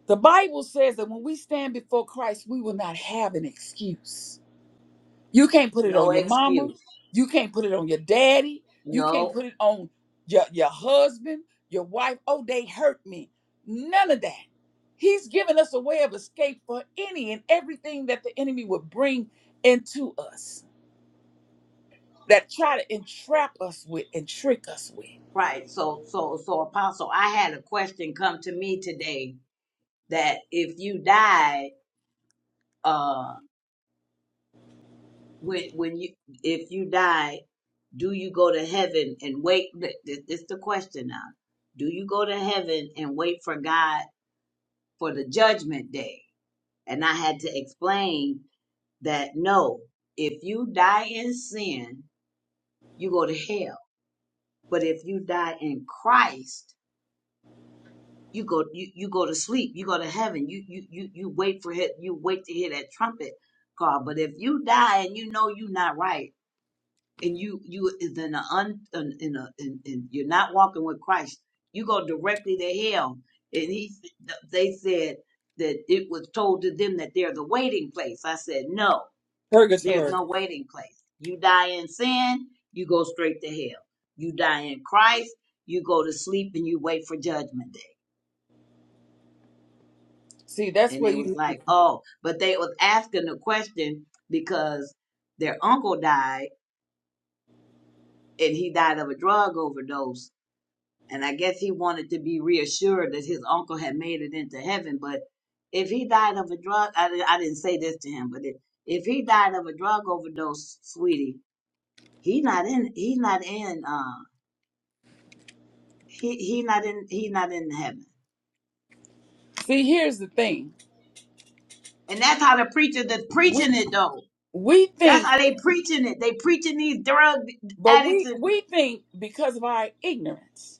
Speaker 1: The Bible says that when we stand before Christ, we will not have an excuse. You can't put it
Speaker 2: no
Speaker 1: on your mama.
Speaker 2: excuse.
Speaker 1: You can't put it on your daddy. You can't
Speaker 2: No.
Speaker 1: put it on your, your husband, your wife. Oh, they hurt me. None of that. He's given us a way of escape for any and everything that the enemy would bring into us that try to entrap us with and trick us with.
Speaker 2: Right. So, so, so, Apostle, I had a question come to me today that if you die uh when when you if you die do you go to heaven and wait this, this the question now do you go to heaven and wait for god for the judgment day and i had to explain that no if you die in sin you go to hell but if you die in christ you go you, you go to sleep you go to heaven you you you, you wait for it you wait to hear that trumpet call but if you die and you know you're not right and you you is in a un in, a, in a in, in you're not walking with Christ, you go directly to hell. And he they said that it was told to them that there's a waiting place. I said no, there's
Speaker 1: Purgatory.
Speaker 2: no waiting place. You die in sin, you go straight to hell. You die in Christ, you go to sleep and you wait for judgment day.
Speaker 1: See, that's
Speaker 2: And they
Speaker 1: what
Speaker 2: was
Speaker 1: you need.
Speaker 2: like, oh, but they was asking the question because their uncle died and he died of a drug overdose And I guess he wanted to be reassured that his uncle had made it into heaven. But if he died of a drug, I, di- I didn't say this to him, but if, if he died of a drug overdose, sweetie, he not in, he not in, uh, he, he not in, he not in heaven.
Speaker 1: See, here's the thing.
Speaker 2: And that's how the preachers that's
Speaker 1: We
Speaker 2: preaching it though.
Speaker 1: we
Speaker 2: That's
Speaker 1: think,
Speaker 2: how they preaching it. They preaching these drug
Speaker 1: but
Speaker 2: addicts
Speaker 1: we
Speaker 2: and,
Speaker 1: we think because of our ignorance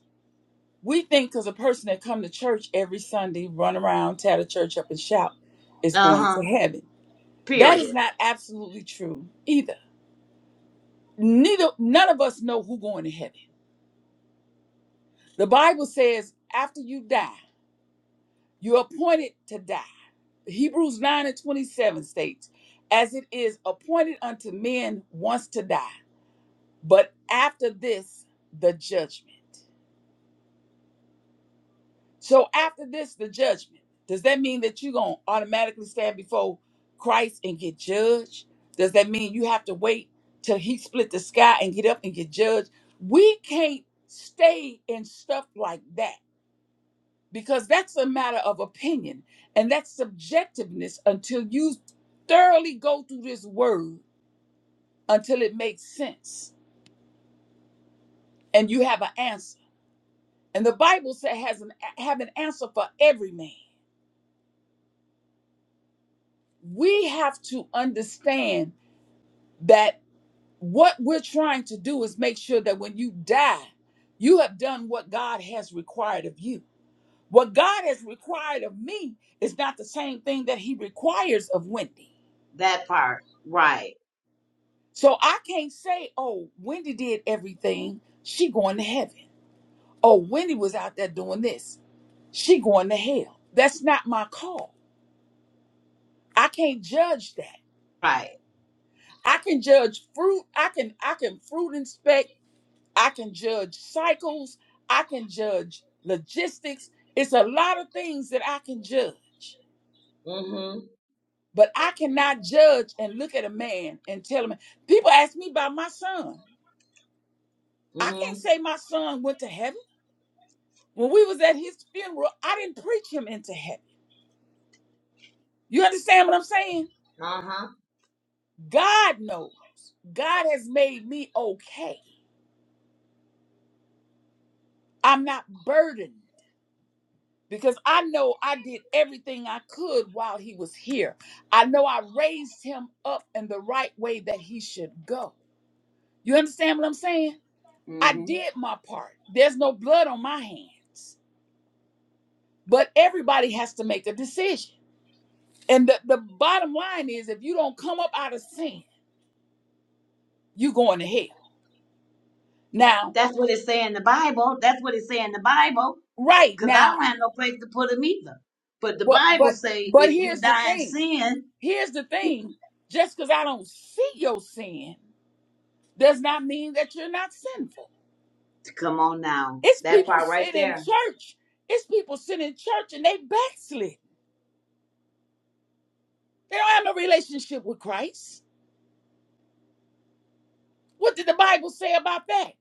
Speaker 1: We think because a person that come to church every Sunday, run around, tear the church up, and shout, is
Speaker 2: uh
Speaker 1: going to
Speaker 2: huh,
Speaker 1: heaven. That is
Speaker 2: period.
Speaker 1: not absolutely true either. Neither none of us know who going to heaven. The Bible says after you die, you're appointed to die. Hebrews 9 and 27 states, as it is appointed unto men once to die, but after this, the judgment. So after this, the judgment. Does that mean that you're gonna automatically stand before Christ and get judged? Does that mean you have to wait till he split the sky and get up and get judged? We can't stay in stuff like that because that's a matter of opinion and that's subjectiveness until you thoroughly go through this word until it makes sense and you have an answer. And the Bible says has an have an answer for every man. We have to understand that what we're trying to do is make sure that when you die, you have done what God has required of you. What God has required of me is not the same thing that He requires of Wendy.
Speaker 2: That part. Right.
Speaker 1: So I can't say, "Oh, Wendy did everything; she going to heaven." Oh, Wendy was out there doing this; she going to hell. That's not my call. I can't judge that.
Speaker 2: Right.
Speaker 1: I can judge fruit. I can I can fruit inspect. I can judge cycles. I can judge logistics. It's a lot of things that I can judge.
Speaker 2: Mm hmm.
Speaker 1: But I cannot judge and look at a man and tell him. People ask me about my son. I can't
Speaker 2: Mm
Speaker 1: say my son went to heaven. When we was at his funeral, I didn't preach him into heaven. You understand what I'm saying?
Speaker 2: hmm. Uh
Speaker 1: God knows. God has made me okay. I'm not burdened. because I know I did everything I could while he was here. I know I raised him up in the right way that he should go. You understand what I'm saying? I
Speaker 2: huh.
Speaker 1: did my part. There's no blood on my hands, but everybody has to make a decision. And the, the bottom line is if you don't come up out of sin, you're going to hell. Now,
Speaker 2: That's what it say in the Bible. That's what it say in the Bible.
Speaker 1: right
Speaker 2: Cause I
Speaker 1: now,
Speaker 2: don't have no place to put him either. But the
Speaker 1: but
Speaker 2: Bible
Speaker 1: but
Speaker 2: say
Speaker 1: but
Speaker 2: if you
Speaker 1: here's the
Speaker 2: die in
Speaker 1: thing.
Speaker 2: sin,
Speaker 1: Here's the thing. Just because I don't see your sin does not mean that you're not sinful.
Speaker 2: come on now.
Speaker 1: It's
Speaker 2: That
Speaker 1: people
Speaker 2: part right
Speaker 1: sit in
Speaker 2: there.
Speaker 1: church. It's people sit in church and they backslid. They don't have no relationship with Christ. What did the Bible say about that?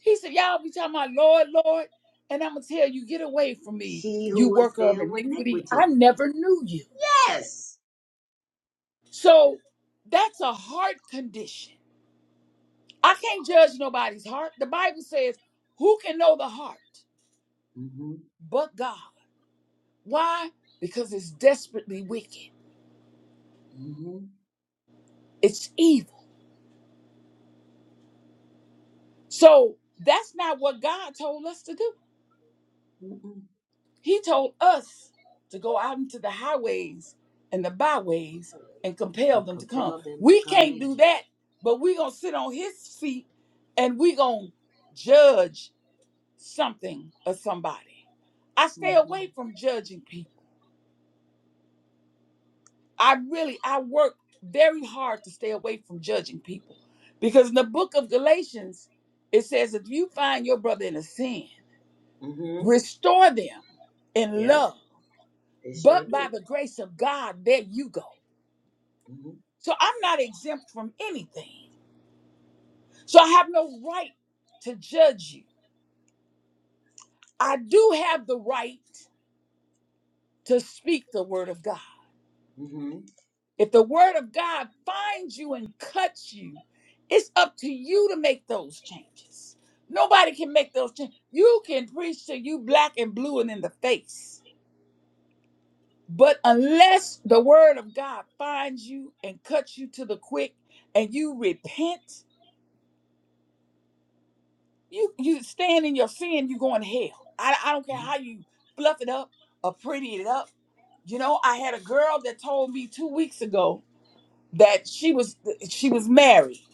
Speaker 1: He said, Y'all be talking about Lord, Lord, and I'm gonna tell you, get away from me,
Speaker 2: He
Speaker 1: you
Speaker 2: who was
Speaker 1: worker of
Speaker 2: filled with
Speaker 1: iniquity.
Speaker 2: iniquity.
Speaker 1: I never knew you.
Speaker 2: Yes.
Speaker 1: So that's a heart condition. I can't judge nobody's heart. The Bible says, Who can know the heart
Speaker 2: Mm hmm
Speaker 1: but God? Why? Because it's desperately wicked.
Speaker 2: Mm hmm
Speaker 1: It's evil. So that's not what God told us to do.
Speaker 2: Mm hmm
Speaker 1: He told us to go out into the highways and the byways and compel
Speaker 2: And
Speaker 1: them to come.
Speaker 2: compel them to
Speaker 1: We
Speaker 2: come
Speaker 1: can't
Speaker 2: in.
Speaker 1: do that, but we're going to sit on his seat and we're going to judge something or somebody. I
Speaker 2: Mm
Speaker 1: stay away
Speaker 2: hmm
Speaker 1: from judging people. I really, I work very hard to stay away from judging people because in the book of Galatians, it says if you find your brother in a sin,
Speaker 2: Mm hmm
Speaker 1: restore them in
Speaker 2: Yeah,
Speaker 1: love.
Speaker 2: they sure
Speaker 1: But
Speaker 2: do.
Speaker 1: by the grace of God, there you go.
Speaker 2: Mm hmm
Speaker 1: So I'm not exempt from anything. So I have no right to judge you. I do have the right to speak the word of God.
Speaker 2: Mm
Speaker 1: If the word of God finds you and cuts you, it's up to you to make those changes. Nobody can make those changes. You can preach till you black and blue and in the face But unless the word of God finds you and cuts you to the quick and you repent, you you stand in your sin, you going to hell. I, I don't care how
Speaker 2: hmm
Speaker 1: you fluff it up or pretty it up. You know, I had a girl that told me two weeks ago that she was she was married.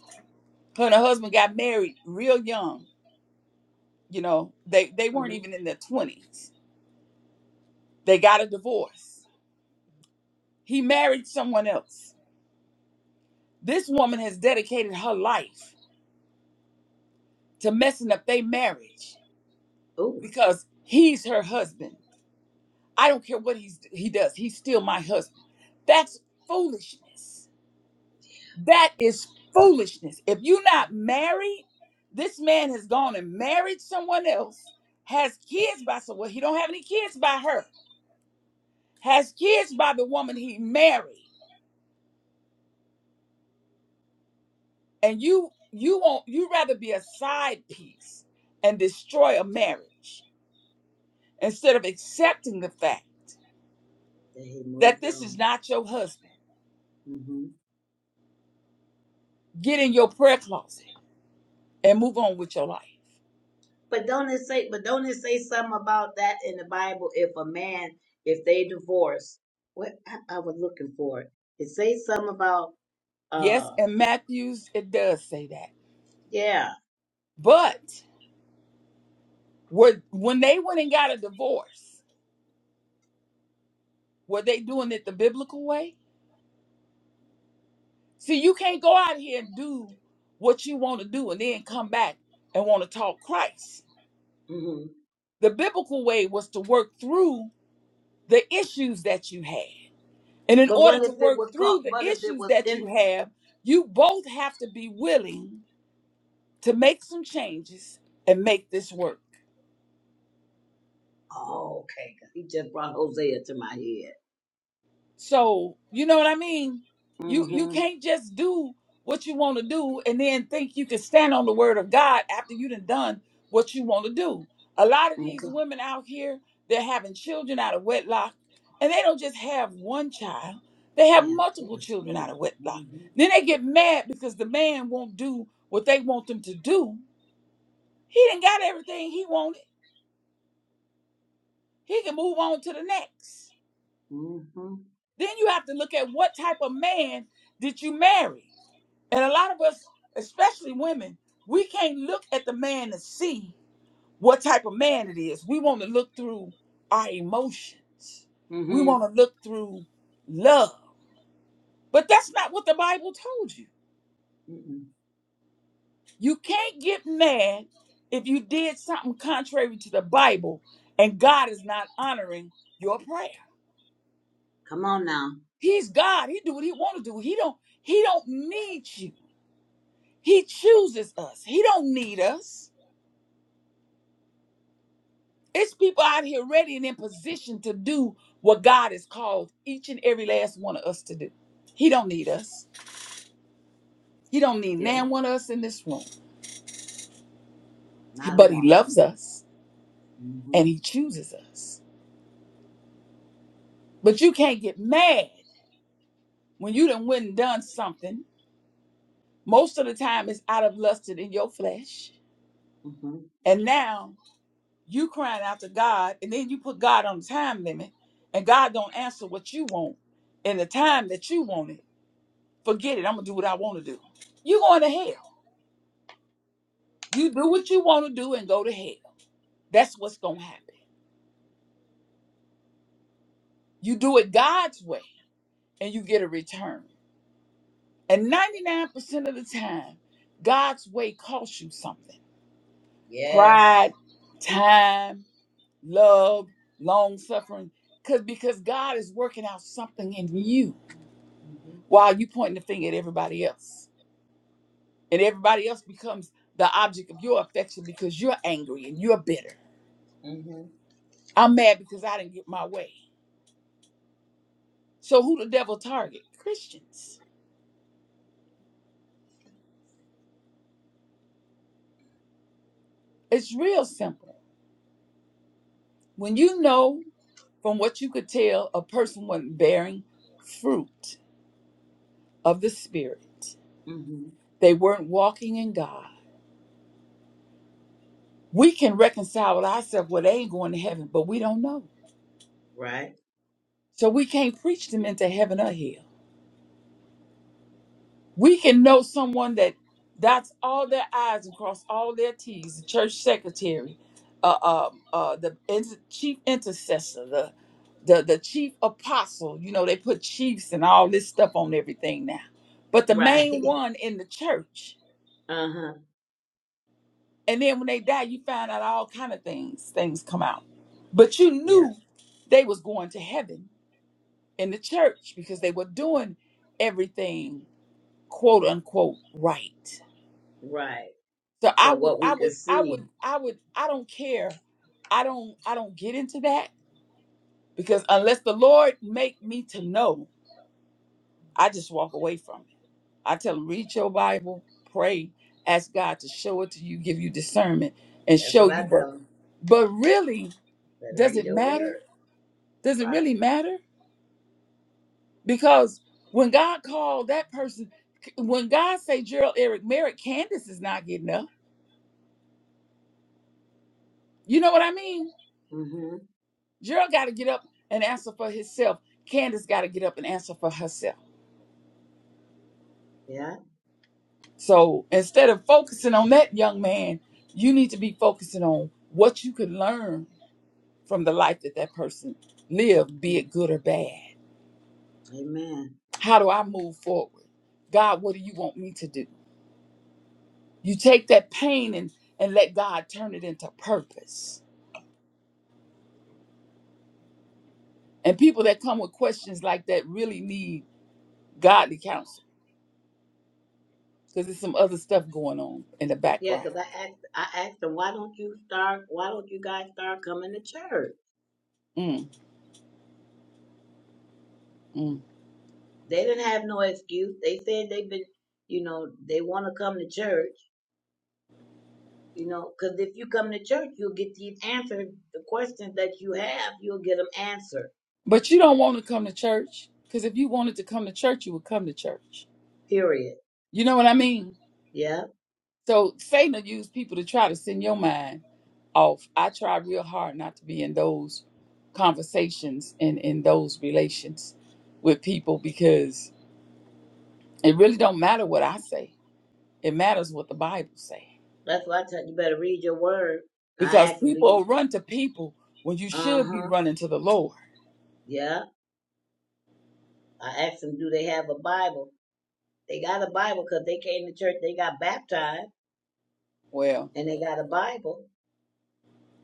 Speaker 1: Her and her husband got married real young. You know, they, they
Speaker 2: Mm
Speaker 1: weren't
Speaker 2: hmm
Speaker 1: even in their 20s. They got a divorce. He married someone else. This woman has dedicated her life to messing up their marriage
Speaker 2: Oh,
Speaker 1: because he's her husband. I don't care what he's he does. He's still my husband. That's foolishness. That is foolishness. If you're not married, this man has gone and married someone else, has kids by someone. He don't have any kids by her. Has kids by the woman he married. And you you won't you rather be a side piece and destroy a marriage instead of accepting the fact
Speaker 2: they had
Speaker 1: that
Speaker 2: moved
Speaker 1: this
Speaker 2: on.
Speaker 1: is not your husband.
Speaker 2: Mm hmm.
Speaker 1: Get in your prayer closet and move on with your life.
Speaker 2: But don't it say but don't it say something about that in the Bible if a man if they divorce what I, I was looking for it. It says something about
Speaker 1: Yes,
Speaker 2: uh
Speaker 1: in Matthews, it does say that.
Speaker 2: yeah.
Speaker 1: But were, when they went and got a divorce, were they doing it the biblical way? See, you can't go out here and do what you want to do and then come back and want to talk Christ.
Speaker 2: hmm
Speaker 1: The biblical way was to work through the issues that you had. And in
Speaker 2: But
Speaker 1: order
Speaker 2: what
Speaker 1: to
Speaker 2: if it was
Speaker 1: work
Speaker 2: caught
Speaker 1: through the
Speaker 2: what if it
Speaker 1: issues
Speaker 2: was
Speaker 1: that
Speaker 2: in
Speaker 1: you have, you both have to be willing to make some changes and make this work.
Speaker 2: oh okay 'Cause he just brought Hosea to my head.
Speaker 1: So, you know what I mean? You you
Speaker 2: hmm
Speaker 1: can't just do what you want to do and then think you can stand on the word of God after you done done what you want to do. A lot of these
Speaker 2: Okay.
Speaker 1: women out here, they're having children out of wedlock, and they don't just have one child. They have
Speaker 2: Yeah, two
Speaker 1: multiple
Speaker 2: or
Speaker 1: children out
Speaker 2: three.
Speaker 1: of wedlock.
Speaker 2: Mm-hmm.
Speaker 1: Then they get mad because the man won't do what they want them to do. He didn't got everything he wanted. He can move on to the next.
Speaker 2: Mm-hmm.
Speaker 1: Then you have to look at what type of man did you marry. And a lot of us, especially women, we can't look at the man to see what type of man it is. We want to look through our emotions. We
Speaker 2: Mm-hmm.
Speaker 1: want to look through love. But that's not what the Bible told you.
Speaker 2: Mm-hmm.
Speaker 1: You can't get mad if you did something contrary to the Bible and God is not honoring your prayer.
Speaker 2: Come on now.
Speaker 1: He's God. He do what he want to do. He don't he don't need you. He chooses us. He don't need us. It's people out here ready and in position to do what God has called each and every last one of us to do. He don't need us. He don't need
Speaker 2: Yeah,
Speaker 1: nan one of us in this room.
Speaker 2: not a
Speaker 1: But he
Speaker 2: one.
Speaker 1: loves us
Speaker 2: Mm-hmm.
Speaker 1: and he chooses us. But you can't get mad when you done went and done something. Most of the time it's out of lust in your flesh.
Speaker 2: Mm-hmm.
Speaker 1: And now You crying out to God, and then you put God on the time limit, and God don't answer what you want in the time that you want it. Forget it. I'm gonna do what I want to do. You going to hell. You do what you want to do and go to hell. That's what's gonna happen. You do it God's way, and you get a return. And 99% of the time, God's way costs you something.
Speaker 2: Yes.
Speaker 1: Pride, time, love, long suffering. Cause because God is working out something in you.
Speaker 2: Mm-hmm.
Speaker 1: while you pointing the finger at everybody else. And everybody else becomes the object of your affection because you're angry and you're bitter.
Speaker 2: Mm-hmm.
Speaker 1: I'm mad because I didn't get my way. So who the devil target? Christians. It's real simple. When you know from what you could tell a person wasn't bearing fruit of the spirit,
Speaker 2: mm-hmm.
Speaker 1: they weren't walking in God. We can reconcile with ourselves, well, they ain't going to heaven, but we don't know.
Speaker 2: Right.
Speaker 1: So we can't preach them into heaven or hell. We can know someone that dots all their I's and cross all their T's, the church secretary, uh, uh, uh, the inter- chief intercessor, the, the, the chief apostle. You know, they put chiefs and all this stuff on everything now. But the
Speaker 2: Right.
Speaker 1: main one in the church.
Speaker 2: Uh huh.
Speaker 1: And then when they die, you find out all kind of things. Things come out. But you
Speaker 2: Yeah.
Speaker 1: knew they was going to heaven in the church because they were doing everything, quote unquote, right.
Speaker 2: Right.
Speaker 1: So I
Speaker 2: From
Speaker 1: would,
Speaker 2: what we
Speaker 1: I
Speaker 2: could
Speaker 1: would, I
Speaker 2: see,
Speaker 1: would, I would, I don't care. I don't, I don't get into that because unless the Lord make me to know, I just walk away from it. I tell them, read your Bible, pray, ask God to show it to you, give you discernment, and
Speaker 2: that's
Speaker 1: show
Speaker 2: what I
Speaker 1: you. But,
Speaker 2: tell them.
Speaker 1: but really,
Speaker 2: Better
Speaker 1: does
Speaker 2: read
Speaker 1: it
Speaker 2: your word.
Speaker 1: matter? Does it
Speaker 2: Right.
Speaker 1: really matter? Because when God called that person, when God say Gerald Eric Merrick, Candace is not getting up. You know what I mean?
Speaker 2: Mm-hmm.
Speaker 1: Gerald got to get up and answer for himself. Candace got to get up and answer for herself.
Speaker 2: Yeah.
Speaker 1: So instead of focusing on that young man, you need to be focusing on what you can learn from the life that that person lived, be
Speaker 2: Mm.
Speaker 1: it good or bad.
Speaker 2: Amen.
Speaker 1: How do I move forward? God, what do you want me to do? You take that pain and, and let God turn it into purpose. And people that come with questions like that really need godly counsel because there's some other stuff going on in the
Speaker 2: Yeah,
Speaker 1: background.
Speaker 2: cause I asked, I asked them, why don't you start? Why don't you guys start coming to church?
Speaker 1: Mm, mm.
Speaker 2: They didn't have no excuse. They said they've been, you know, they want to come to church. You know, cause if you come to church, you'll get these answers. The questions that you have, you'll get them answered.
Speaker 1: But you don't want to come to church because if you wanted to come to church, you would come to church.
Speaker 2: Period.
Speaker 1: You know what I mean?
Speaker 2: Yeah.
Speaker 1: So Satan will use people to try to send your mind off. I try real hard not to be in those conversations and in those relations with people because it really don't matter what I say. It matters what the Bible say.
Speaker 2: That's why I tell you you better read your word. I
Speaker 1: Because
Speaker 2: asked them, do
Speaker 1: people
Speaker 2: you,
Speaker 1: run to people when you
Speaker 2: uh
Speaker 1: should be
Speaker 2: huh,
Speaker 1: running to the Lord.
Speaker 2: yeah. I asked them, do they have a Bible? They got a Bible because they came to church, they got baptized,
Speaker 1: Well,
Speaker 2: and they got a Bible.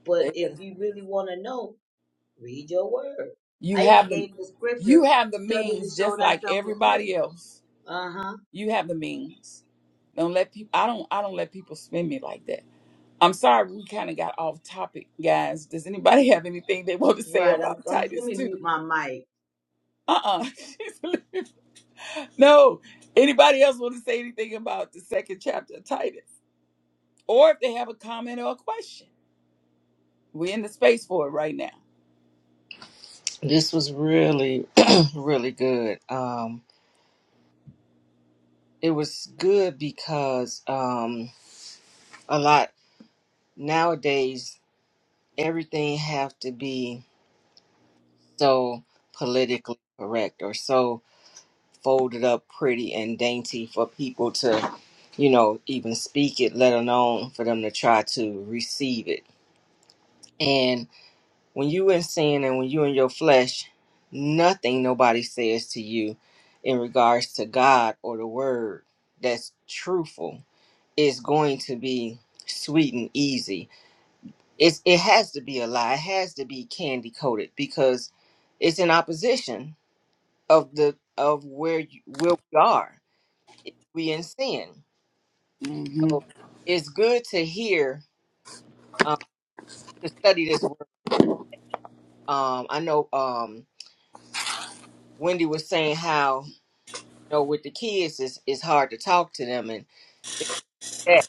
Speaker 2: But
Speaker 1: they,
Speaker 2: if you really want to know, read your word.
Speaker 1: you
Speaker 2: I even
Speaker 1: have the
Speaker 2: gave the scripture,
Speaker 1: you have the
Speaker 2: study to
Speaker 1: means
Speaker 2: show
Speaker 1: just like
Speaker 2: thyself approved.
Speaker 1: everybody else
Speaker 2: Uh huh.
Speaker 1: You have the means. Don't let people. I don't. I don't let people spin me like that. I'm sorry, we kind of got off topic, guys. Does anybody have anything they want to say
Speaker 2: Right. I'm,
Speaker 1: about
Speaker 2: I'm. Let
Speaker 1: Titus
Speaker 2: me
Speaker 1: too?
Speaker 2: mute my mic.
Speaker 1: Uh-uh. no. Anybody else want to say anything about the second chapter of Titus, or if they have a comment or a question? We're in the space for it right now.
Speaker 3: This was really, really good. Um, it was good because um, a lot nowadays everything have to be so politically correct or so folded up pretty and dainty for people to, you know, even speak it, let alone for them to try to receive it. when you in sin and when you in your flesh, nothing nobody says to you in regards to God or the word that's truthful is going to be sweet and easy. It's it has to be a lie. It has to be candy coated because it's in opposition of the of where you, where we are. If we in sin.
Speaker 1: hmm
Speaker 3: So it's good to hear um, to study this word. Um, I know um, Wendy was saying how know, with the kids, it's, it's hard to talk to them and things like that.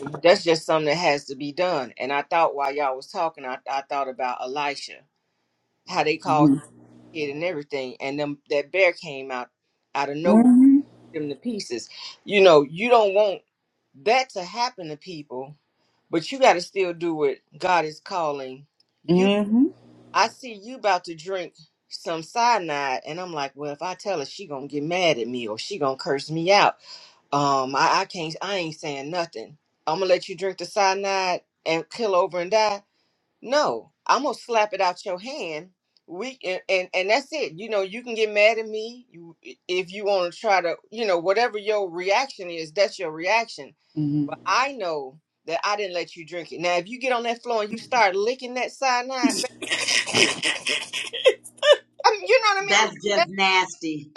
Speaker 3: But that's just something that has to be done. And I thought while y'all was talking, I, I thought about Elisha, how they called
Speaker 1: hmm
Speaker 3: his kid and everything, and them that bear came out out of nowhere, them to pieces. You know, you don't want that to happen to people, but you got to still do what God is calling
Speaker 1: hmm
Speaker 3: you.
Speaker 1: hmm
Speaker 3: I see you about to drink some cyanide, and I'm like, well, if I tell her, she gonna get mad at me or she gonna curse me out Um, I, I can't. I ain't saying nothing. I'm gonna let you drink the cyanide and kill over and die. No, I'm gonna slap it out your hand. We and and, and that's it. You know, you can get mad at me. You if you want to try to, you know, whatever your reaction is, that's your reaction.
Speaker 1: hmm
Speaker 3: But I know that I didn't let you drink it. Now, if you get on that floor and you start licking that cyanide, baby, I
Speaker 1: ah,
Speaker 3: mean, you know what I mean. I'm
Speaker 2: That's
Speaker 3: like,
Speaker 2: just
Speaker 3: that,
Speaker 2: nasty.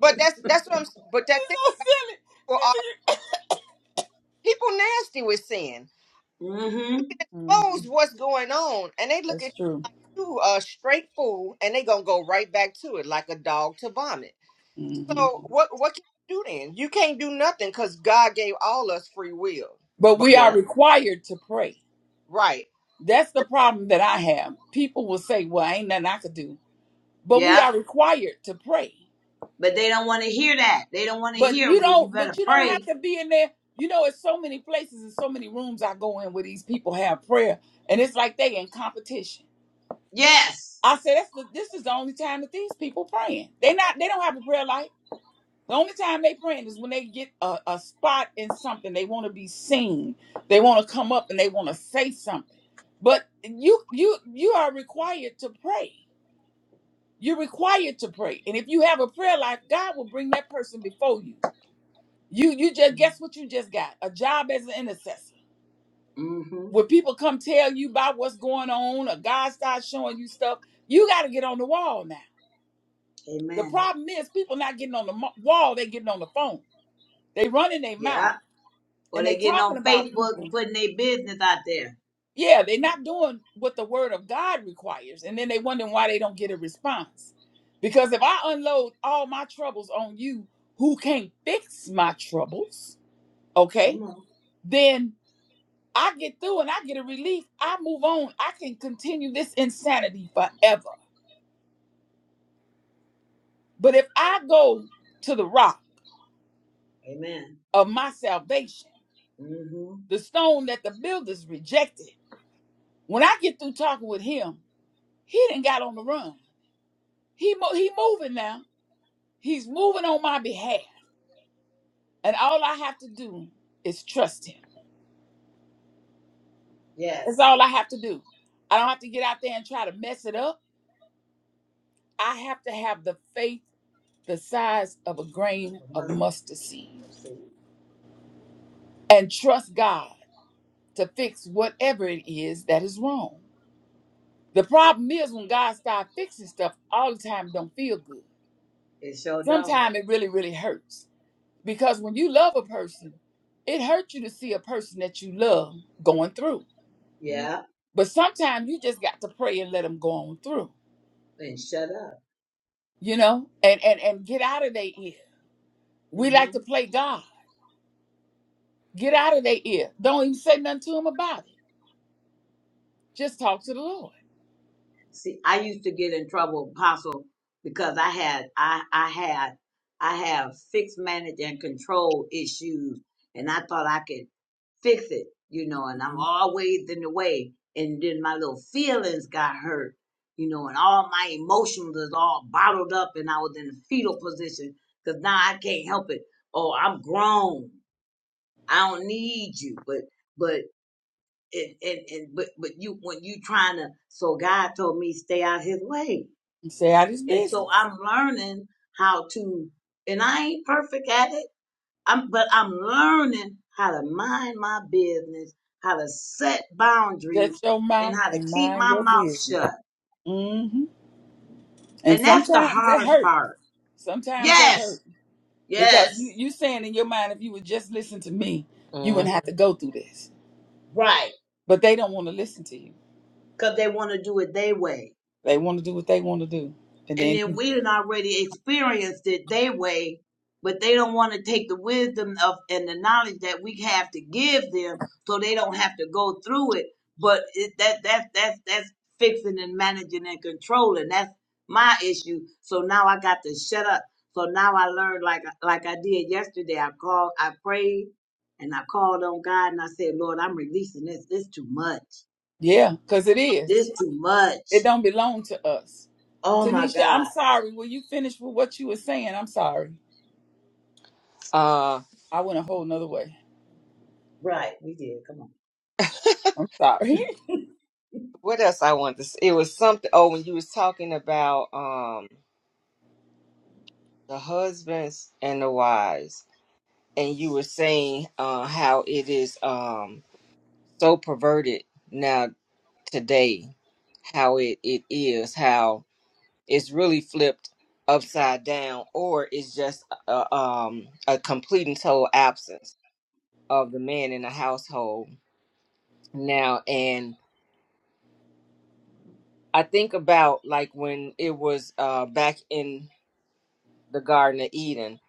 Speaker 3: but that's that's what I'm. s- But that
Speaker 1: she's
Speaker 3: thing
Speaker 1: so silly.
Speaker 3: for
Speaker 1: She's.
Speaker 3: are people nasty with sin.
Speaker 2: Mm-hmm.
Speaker 1: Mm,
Speaker 3: Expose what's going on, and they look at.
Speaker 1: that's true.
Speaker 3: you a straight fool, and they gonna go right back to it like a dog to vomit. So what what can you do then? You can't do nothing because God gave all us free will.
Speaker 1: But
Speaker 3: But
Speaker 1: we are
Speaker 2: Yep.
Speaker 1: required to pray.
Speaker 3: right.
Speaker 1: That's the problem that I have. People will say, "Well, ain't nothing I could do," but we
Speaker 2: Yep.
Speaker 1: are required to pray.
Speaker 2: But they don't want to hear that. They don't want to
Speaker 1: But
Speaker 2: hear.
Speaker 1: you
Speaker 2: Well, you
Speaker 1: don't.
Speaker 2: better
Speaker 1: But you don't have
Speaker 2: pray.
Speaker 1: to be in there. You know, it's so many places and so many rooms I go in where these people have prayer, and it's like they in competition.
Speaker 2: Yes.
Speaker 1: I said, "That's the. This is the only time that these people praying. They not. They don't have a prayer life. The only time they praying is when they get a, a spot in something. They want to be seen. They want to come up and they want to say something. But you you you are required to pray. You're required to pray. And if you have a prayer life, God will bring that person before you. You you just guess what you just got? A job as an intercessor.
Speaker 2: Mm-hmm.
Speaker 1: When people come tell you about what's going on, or God starts showing you stuff, you got to get on the wall now. The
Speaker 2: Amen.
Speaker 1: problem is people not getting on the mo- wall, they getting on the phone. They running their mouth.
Speaker 2: Yeah. Or
Speaker 1: and they
Speaker 2: they getting
Speaker 1: talking
Speaker 2: on
Speaker 1: about
Speaker 2: Facebook and
Speaker 1: people.
Speaker 2: putting their business out there.
Speaker 1: Yeah, they're not doing what the word of God requires, and then they wondering why they don't get a response. Because if I unload all my troubles on you, who can't fix my troubles,
Speaker 2: Come
Speaker 1: okay?
Speaker 2: on.
Speaker 1: Then I get through and I get a relief. I move on. I can continue this insanity forever. But if I go to the rock
Speaker 2: Amen.
Speaker 1: of my salvation,
Speaker 2: Mm-hmm.
Speaker 1: the stone that the builders rejected, when I get through talking with him, he didn't got on the run. He mo- he moving now. He's moving on my behalf, and all I have to do is trust him. That's
Speaker 2: Yes.
Speaker 1: all I have to do. I don't have to get out there and try to mess it up. I have to have the faith the size of a grain
Speaker 2: Have a
Speaker 1: of
Speaker 2: mustard
Speaker 1: mustard seed
Speaker 2: seed.
Speaker 1: and trust God to fix whatever it is that is wrong. The problem is when God starts fixing stuff, all the time it don't feel good.
Speaker 2: It sure don't.
Speaker 1: Sometimes it really, really hurts. Because when you love a person, it hurts you to see a person that you love going through
Speaker 2: Yeah.
Speaker 1: But sometimes you just got to pray and let them go on through,
Speaker 2: And shut up.
Speaker 1: you know, and and and get out of their ear. We like
Speaker 2: Mhm.
Speaker 1: to play God. Get out of their ear. Don't even say nothing to them about it. Just talk to the Lord.
Speaker 2: See, I used to get in trouble, Apostle, because I had I I had I have fixed manage and control issues, and I thought I could fix it, you know, and I'm
Speaker 1: Mhm.
Speaker 2: always in the way, and then my little feelings got hurt, you know, and all my emotions is all bottled up, and I was in a fetal position because now I can't help it. Oh, I'm grown. I don't need you, but but and and and but but you when you trying to so God told me stay out His way,
Speaker 1: And say out his
Speaker 2: and so
Speaker 1: business.
Speaker 2: I'm learning how to, and I ain't perfect at it. I'm but I'm learning how to mind my business, how to set
Speaker 1: Shut
Speaker 2: boundaries,
Speaker 1: your
Speaker 2: and
Speaker 1: mouth
Speaker 2: how to
Speaker 1: and
Speaker 2: keep
Speaker 1: mind
Speaker 2: my
Speaker 1: your
Speaker 2: mouth
Speaker 1: business.
Speaker 2: shut.
Speaker 1: hmm And
Speaker 2: And that's the
Speaker 1: sometimes that
Speaker 2: hard
Speaker 1: hurt.
Speaker 2: part.
Speaker 1: Sometimes that
Speaker 2: Yes,
Speaker 1: hurt because you
Speaker 2: yes,
Speaker 1: you saying in your mind, if you would just listen to me, you
Speaker 3: Mm-mm.
Speaker 1: wouldn't have to go through this.
Speaker 2: right,
Speaker 1: But they don't want to listen to you.
Speaker 2: because they want to do it their way.
Speaker 1: They want to do what they want to do, and
Speaker 2: and
Speaker 1: then
Speaker 2: then we done already experienced it their way, but they don't want to take the wisdom of and the knowledge that we have to give them, so they don't have to go through it. But it, that that's that's that's fixing and managing and controlling. That's my issue. So now I got to shut up. So now I learned like like I did yesterday. I called, I prayed, and I called on God, and I said, Lord, I'm releasing this. This too much.
Speaker 1: yeah, because it
Speaker 2: This
Speaker 1: is.
Speaker 2: too
Speaker 1: It
Speaker 2: much.
Speaker 1: don't belong to us.
Speaker 2: Oh my
Speaker 1: Tanisha, I'm
Speaker 2: God.
Speaker 1: sorry. Will you finish with what you were saying? I'm sorry.
Speaker 3: Uh,
Speaker 1: I went a whole nother way.
Speaker 2: Right, we did. Come on.
Speaker 1: I'm sorry.
Speaker 3: what else I want to? Say? It was something. Oh, when you was talking about um the husbands and the wives, and you were saying uh how it is um so perverted now today, how it it is how. Is really flipped upside down or it's just a, um, a complete and total absence of the man in the household now and i think about like when it was uh, back in the garden of eden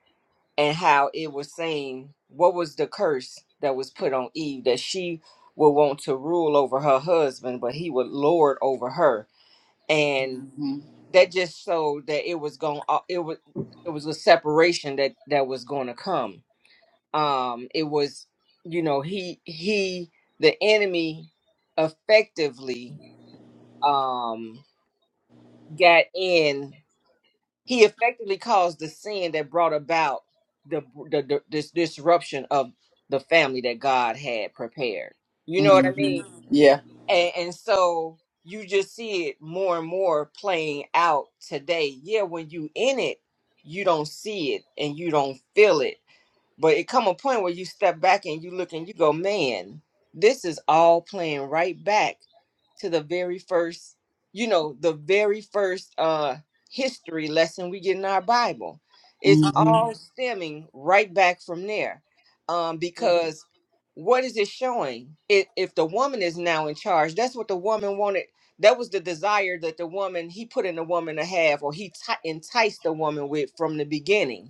Speaker 3: and how it was saying what was the curse that was put on eve that she would want to rule over her husband but he would lord over her and
Speaker 1: hmm
Speaker 3: that just showed that it was going it was it was a separation that that was going to come um it was you know he he the enemy effectively um got in he effectively caused the sin that brought about the the, the this disruption of the family that God had prepared you know what I
Speaker 1: hmm
Speaker 3: mean
Speaker 1: Yeah.
Speaker 3: and, and so you just see it more and more playing out today yeah when you in it you don't see it and you don't feel it but it come a point where you step back and you look and you go, man, this is all playing right back to the very first, you know, the very first uh history lesson we get in our Bible. It's
Speaker 1: hmm
Speaker 2: hmm
Speaker 3: all stemming right back from there. Um,
Speaker 2: hmm
Speaker 3: because what is it showing? It, if the woman is now in charge, that's what the woman wanted. That was the desire that the woman he put in the woman to have, or he t- enticed the woman with from the beginning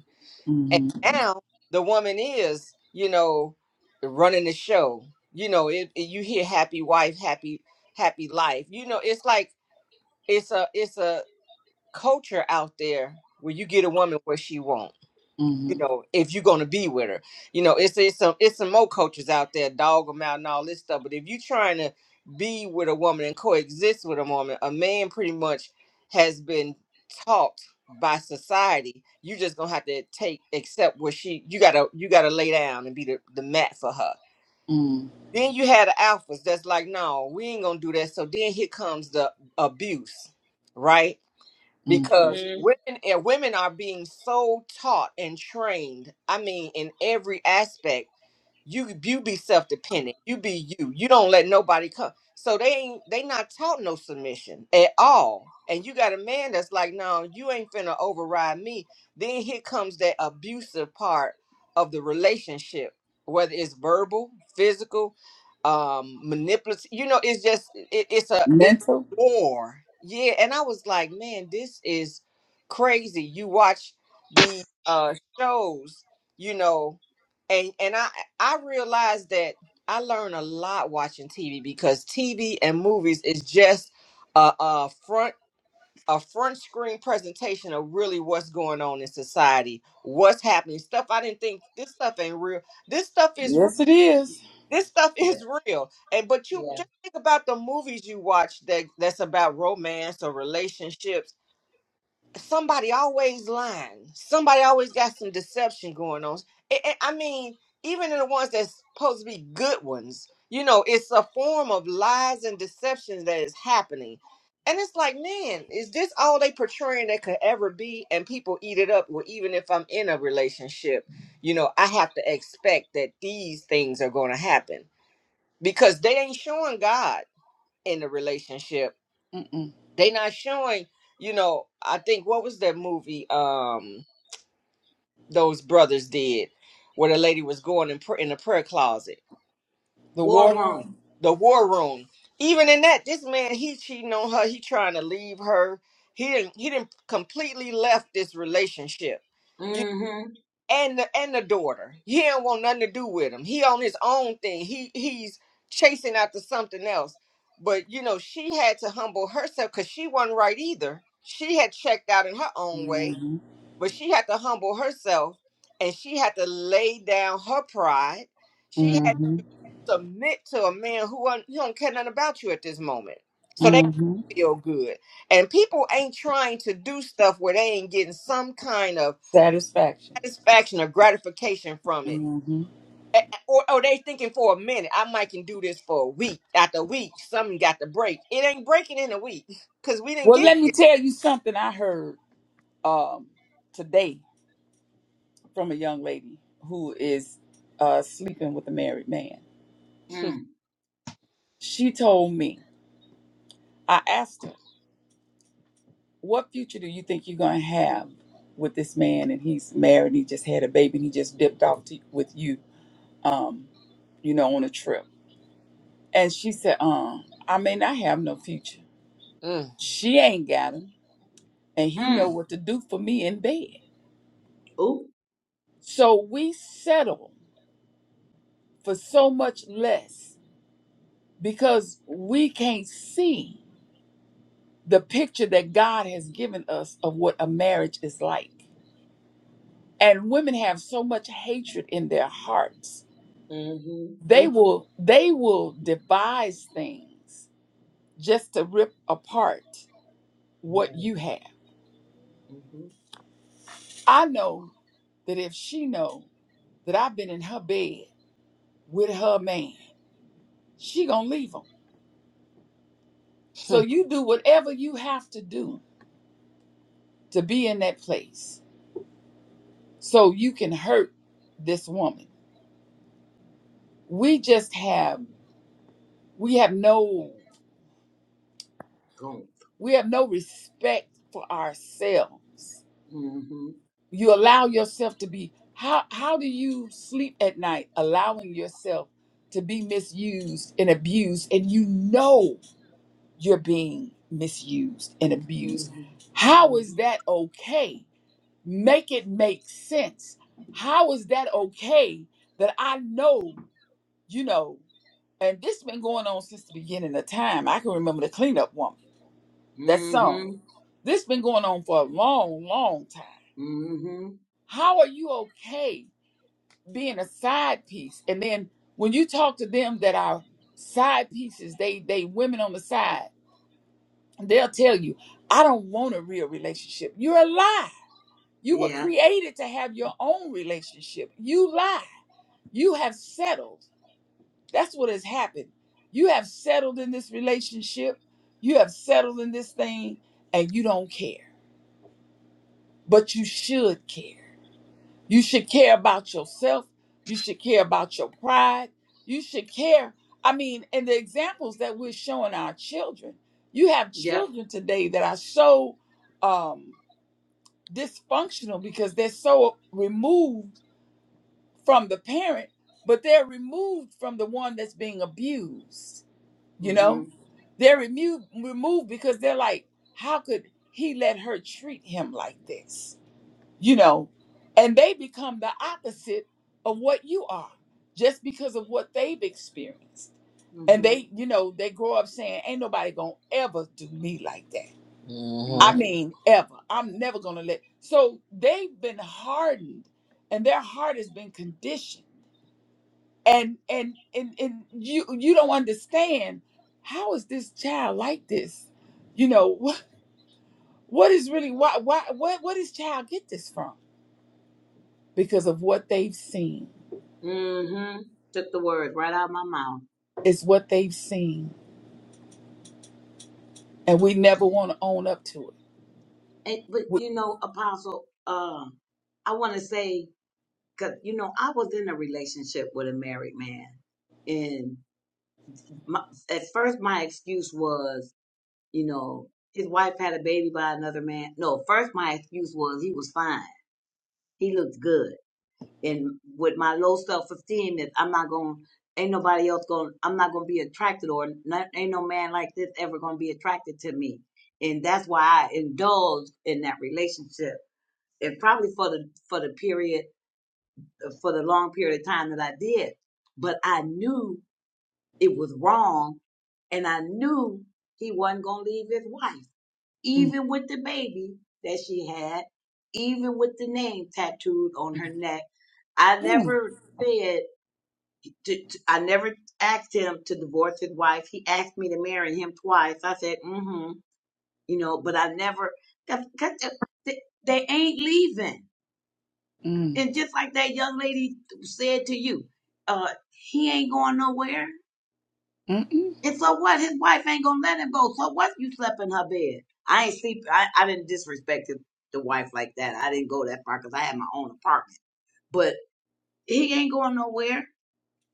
Speaker 3: and
Speaker 1: hmm
Speaker 3: now the woman is, you know, running the show. You know, it, it- you hear happy wife, happy happy life. You know, it's like it's a it's a culture out there where you get a woman what she wants you
Speaker 1: hmm
Speaker 3: know, if you're gonna be with her. You know, it's it's some it's some more coaches out there, dog them out and all this stuff. But if you're trying to be with a woman and coexist with a woman, a man pretty much has been taught by society, you just gonna have to take accept where she you gotta you gotta lay down and be the, the mat for her. Then you had the alphas that's like, no, we ain't gonna do that. So then here comes the abuse, right?
Speaker 1: hmm
Speaker 3: because
Speaker 2: hmm
Speaker 3: women and women are being so taught and trained i mean in every aspect you you be self dependent. You be you. You don't let nobody come. So they ain't they not taught no submission at all. And you got a man that's like, no, you ain't finna override me. Then here comes that abusive part of the relationship, whether it's verbal, physical, um, manipulative. You know, it's just it, it's a it's
Speaker 1: Mental.
Speaker 3: war. Yeah, and I was like, man, this is crazy. You watch the uh shows, you know and and I I realized that I learn a lot watching TV because TV and movies is just a, a front a front screen presentation of really what's going on in society, what's happening, stuff I didn't think this stuff ain't real. This stuff is real.
Speaker 1: Yes, it is.
Speaker 3: This stuff
Speaker 2: Yeah.
Speaker 3: is real. And but you
Speaker 2: Yeah.
Speaker 3: just think about the movies you watch that that's about romance or relationships somebody always lying. Somebody always got some deception going on. I I- I mean, even in the ones that's supposed to be good ones, you know, it's a form of lies and deception that is happening. And it's like, man, is this all they portraying that could ever be? And people eat it up. Well, even if I'm in a relationship, you know, I have to expect that these things are going to happen because they ain't showing God in the relationship
Speaker 1: Mm-mm.
Speaker 3: they not showing you know i think what was that movie um those brothers did where the lady was going in, pr- in the prayer closet
Speaker 1: The
Speaker 2: War
Speaker 1: war room.
Speaker 2: room.
Speaker 3: the war room even in that this man he cheating on her he trying to leave her he didn't he didn't completely left this relationship
Speaker 2: Mm-hmm.
Speaker 3: and the and the daughter. He don't want nothing to do with him. He on his own thing. He he's chasing after something else. But you know, she had to humble herself because she wasn't right either. She had checked out in her own way,
Speaker 1: hmm
Speaker 3: but she had to humble herself and she had to lay down her pride. She had to submit to a man who don't- he don't care nothing about you at this moment. So they
Speaker 1: hmm hmm
Speaker 3: feel good. And people ain't trying to do stuff where they ain't getting some kind of
Speaker 1: Satisfaction.
Speaker 3: satisfaction or gratification from it.
Speaker 1: hmm
Speaker 3: A- Or, or they thinking for a minute, I might can do this for a week. After a week, something got to break. It ain't breaking in a week because we didn't
Speaker 1: Well,
Speaker 3: get.
Speaker 1: let me
Speaker 2: Mm.
Speaker 1: tell you something I heard um, today from a young lady who is uh, sleeping with a married man.
Speaker 2: Mm.
Speaker 1: She told me, I asked her, What future do you think you're going to have with this man? And he's married, and he just had a baby, and he just dipped off to, with you, um, you know, on a trip. And she said, um, I may not have no future.
Speaker 3: Mm,
Speaker 1: She ain't got him, and he know
Speaker 2: Mm.
Speaker 1: what to do for me in bed.
Speaker 2: Ooh.
Speaker 1: So we settle for so much less because we can't see the picture that God has given us of what a marriage is like. And women have so much hatred in their hearts.
Speaker 2: hmm
Speaker 1: They
Speaker 3: mm,
Speaker 1: will they will devise things just to rip apart what
Speaker 2: America.
Speaker 1: you have.
Speaker 2: hmm
Speaker 1: I know that if she know that I've been in her bed with her man, she gonna leave him. So
Speaker 3: mm,
Speaker 1: you do whatever you have to do to be in that place so you can hurt this woman. We just have we have no
Speaker 2: Gone.
Speaker 1: we have no respect for ourselves
Speaker 2: hmm hmm
Speaker 1: you allow yourself to be how how do you sleep at night allowing yourself to be misused and abused and you know you're being misused and abused how
Speaker 2: hmm
Speaker 1: is that okay make it make sense how is that okay that i know you know and this been going on since the beginning of time i can remember the cleanup woman That song.
Speaker 2: hmm
Speaker 1: This been going on for a long, long time.
Speaker 2: hmm
Speaker 1: How are you okay being a side piece? And then when you talk to them that are side pieces, they they women on the side, they'll tell you, I don't want a real relationship. You're a lie. You were
Speaker 2: Yeah.
Speaker 1: created to have your own relationship. You lie. You have settled. That's what has happened. You have settled in this relationship. You have settled in this thing and you don't care. but you should care. You should care about yourself. You should care about your pride. You should care. I mean, and the examples that we're showing our children. You have
Speaker 2: Yeah.
Speaker 1: children today that are so um, dysfunctional because they're so removed from the parent, but they're removed from the one that's being abused. You
Speaker 2: hmm
Speaker 1: know, they're removed removed because they're like, how could he let her treat him like this? you know, and they become the opposite of what you are just because of what they've experienced. And
Speaker 2: hmm
Speaker 1: they, you know, they grow up saying, ain't nobody gonna ever do me like that. I
Speaker 3: mhm,
Speaker 2: hmm
Speaker 1: mean, ever. I'm never gonna let. So they've been hardened and their heart has been conditioned. And and and and you you don't understand how is this child like this? You know, what what is really why why what what does child get this from? Because of what they've seen
Speaker 2: hmm Took the word right out of my mouth.
Speaker 1: It's what they've seen, and we never want to own up to it.
Speaker 2: And, but
Speaker 1: We,
Speaker 2: you know, Apostle, uh, I want to say, cause you know, I was in a relationship with a married man my, at first my excuse was, you know, his wife had a baby by another man. No, first my excuse was he was fine. He looked good. And with my low self esteem, that I'm not going, ain't nobody else going, I'm not going to be attracted or not, ain't no man like this ever going to be attracted to me. And that's why I indulged in that relationship. And probably for the, for the period, for the long period of time that I did. But I knew it was wrong And I knew he wasn't going to leave his wife,
Speaker 1: mm,
Speaker 2: even with the baby that she had, even with the name tattooed on
Speaker 1: mm,
Speaker 2: her neck. I
Speaker 1: mm,
Speaker 2: never said, to, to- I never asked him to divorce his wife. He asked me to marry him twice. I said, mm hmm, you know, but I never, cause, 'cause uh, they, they ain't leaving.
Speaker 1: mm,
Speaker 2: And just like that young lady said to you, uh, he ain't going nowhere
Speaker 1: mm,
Speaker 2: And so what? His wife ain't gonna let him go. So what? You slept in her bed. I ain't sleep. I, I didn't disrespect the the wife like that. I didn't go that far because I had my own apartment. But he ain't going nowhere.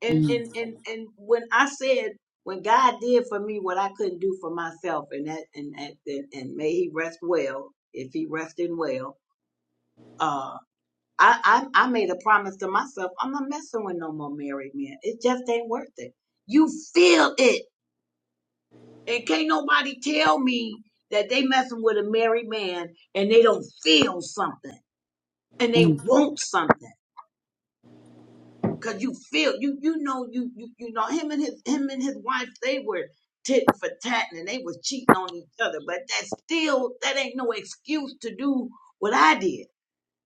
Speaker 2: And
Speaker 1: mm,
Speaker 2: and and and when I said when God did for me what I couldn't do for myself, and that and that, and, and may He rest well if He resting well. Uh, I, I I made a promise to myself. I'm not messing with no more married men. It just ain't worth it. You feel it. And can't nobody tell me that they messing with a married man and they don't feel something and they
Speaker 1: mm,
Speaker 2: want something. Cause you feel you you know you you you know him and his him and his wife they were titting for tatting and they was cheating on each other. But that still that ain't no excuse to do what I did.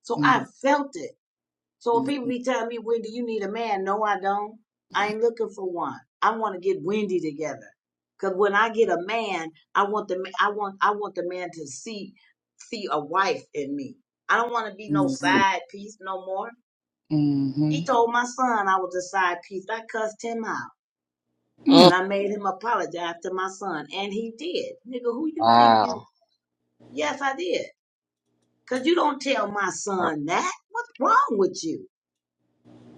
Speaker 2: So I
Speaker 1: mm,
Speaker 2: felt it. So when
Speaker 1: mm,
Speaker 2: people be telling me, Wendy, you need a man, no, I don't. I ain't looking for one. I want to get Wendy together. Cause when I get a man, I want the ma- I want I want the man to see see a wife in me. I don't want to be no
Speaker 1: mm,
Speaker 2: side piece no more. He
Speaker 1: mm.
Speaker 2: told my son I was a side piece. I cussed him out. And
Speaker 1: mm.
Speaker 3: mm.
Speaker 2: I made him apologize to my son. And he did. Nigga, who you think you
Speaker 3: Wow.
Speaker 2: Yes, I did. Cause you don't tell my son that. What's wrong with you?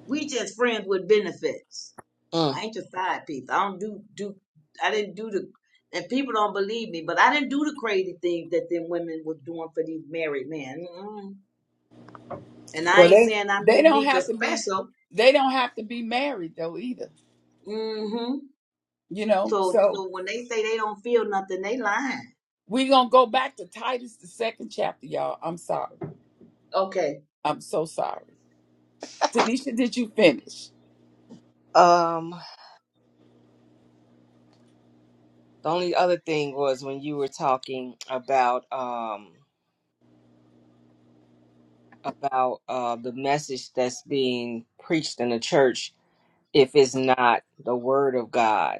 Speaker 2: We just friends with benefits.
Speaker 3: Mm.
Speaker 2: I ain't your side piece. I don't do do. I didn't do the. And people don't believe me, but I didn't do the crazy things that them women was doing for these married men. Mm-mm. And I
Speaker 1: Well,
Speaker 2: ain't
Speaker 1: they
Speaker 2: saying I'm
Speaker 1: they don't
Speaker 2: unique or
Speaker 1: have to be
Speaker 2: special.
Speaker 1: they don't have to be married though either.
Speaker 2: hmm
Speaker 1: You know,
Speaker 2: So,
Speaker 1: so.
Speaker 2: so when they say they don't feel nothing, they lying.
Speaker 1: We're gonna go back to Titus, the second chapter, y'all. I'm sorry.
Speaker 2: Okay.
Speaker 1: I'm so sorry. Tanisha, did you finish?
Speaker 3: Um. The only other thing was when you were talking about um about uh the message that's being preached in the church if it's not the word of God.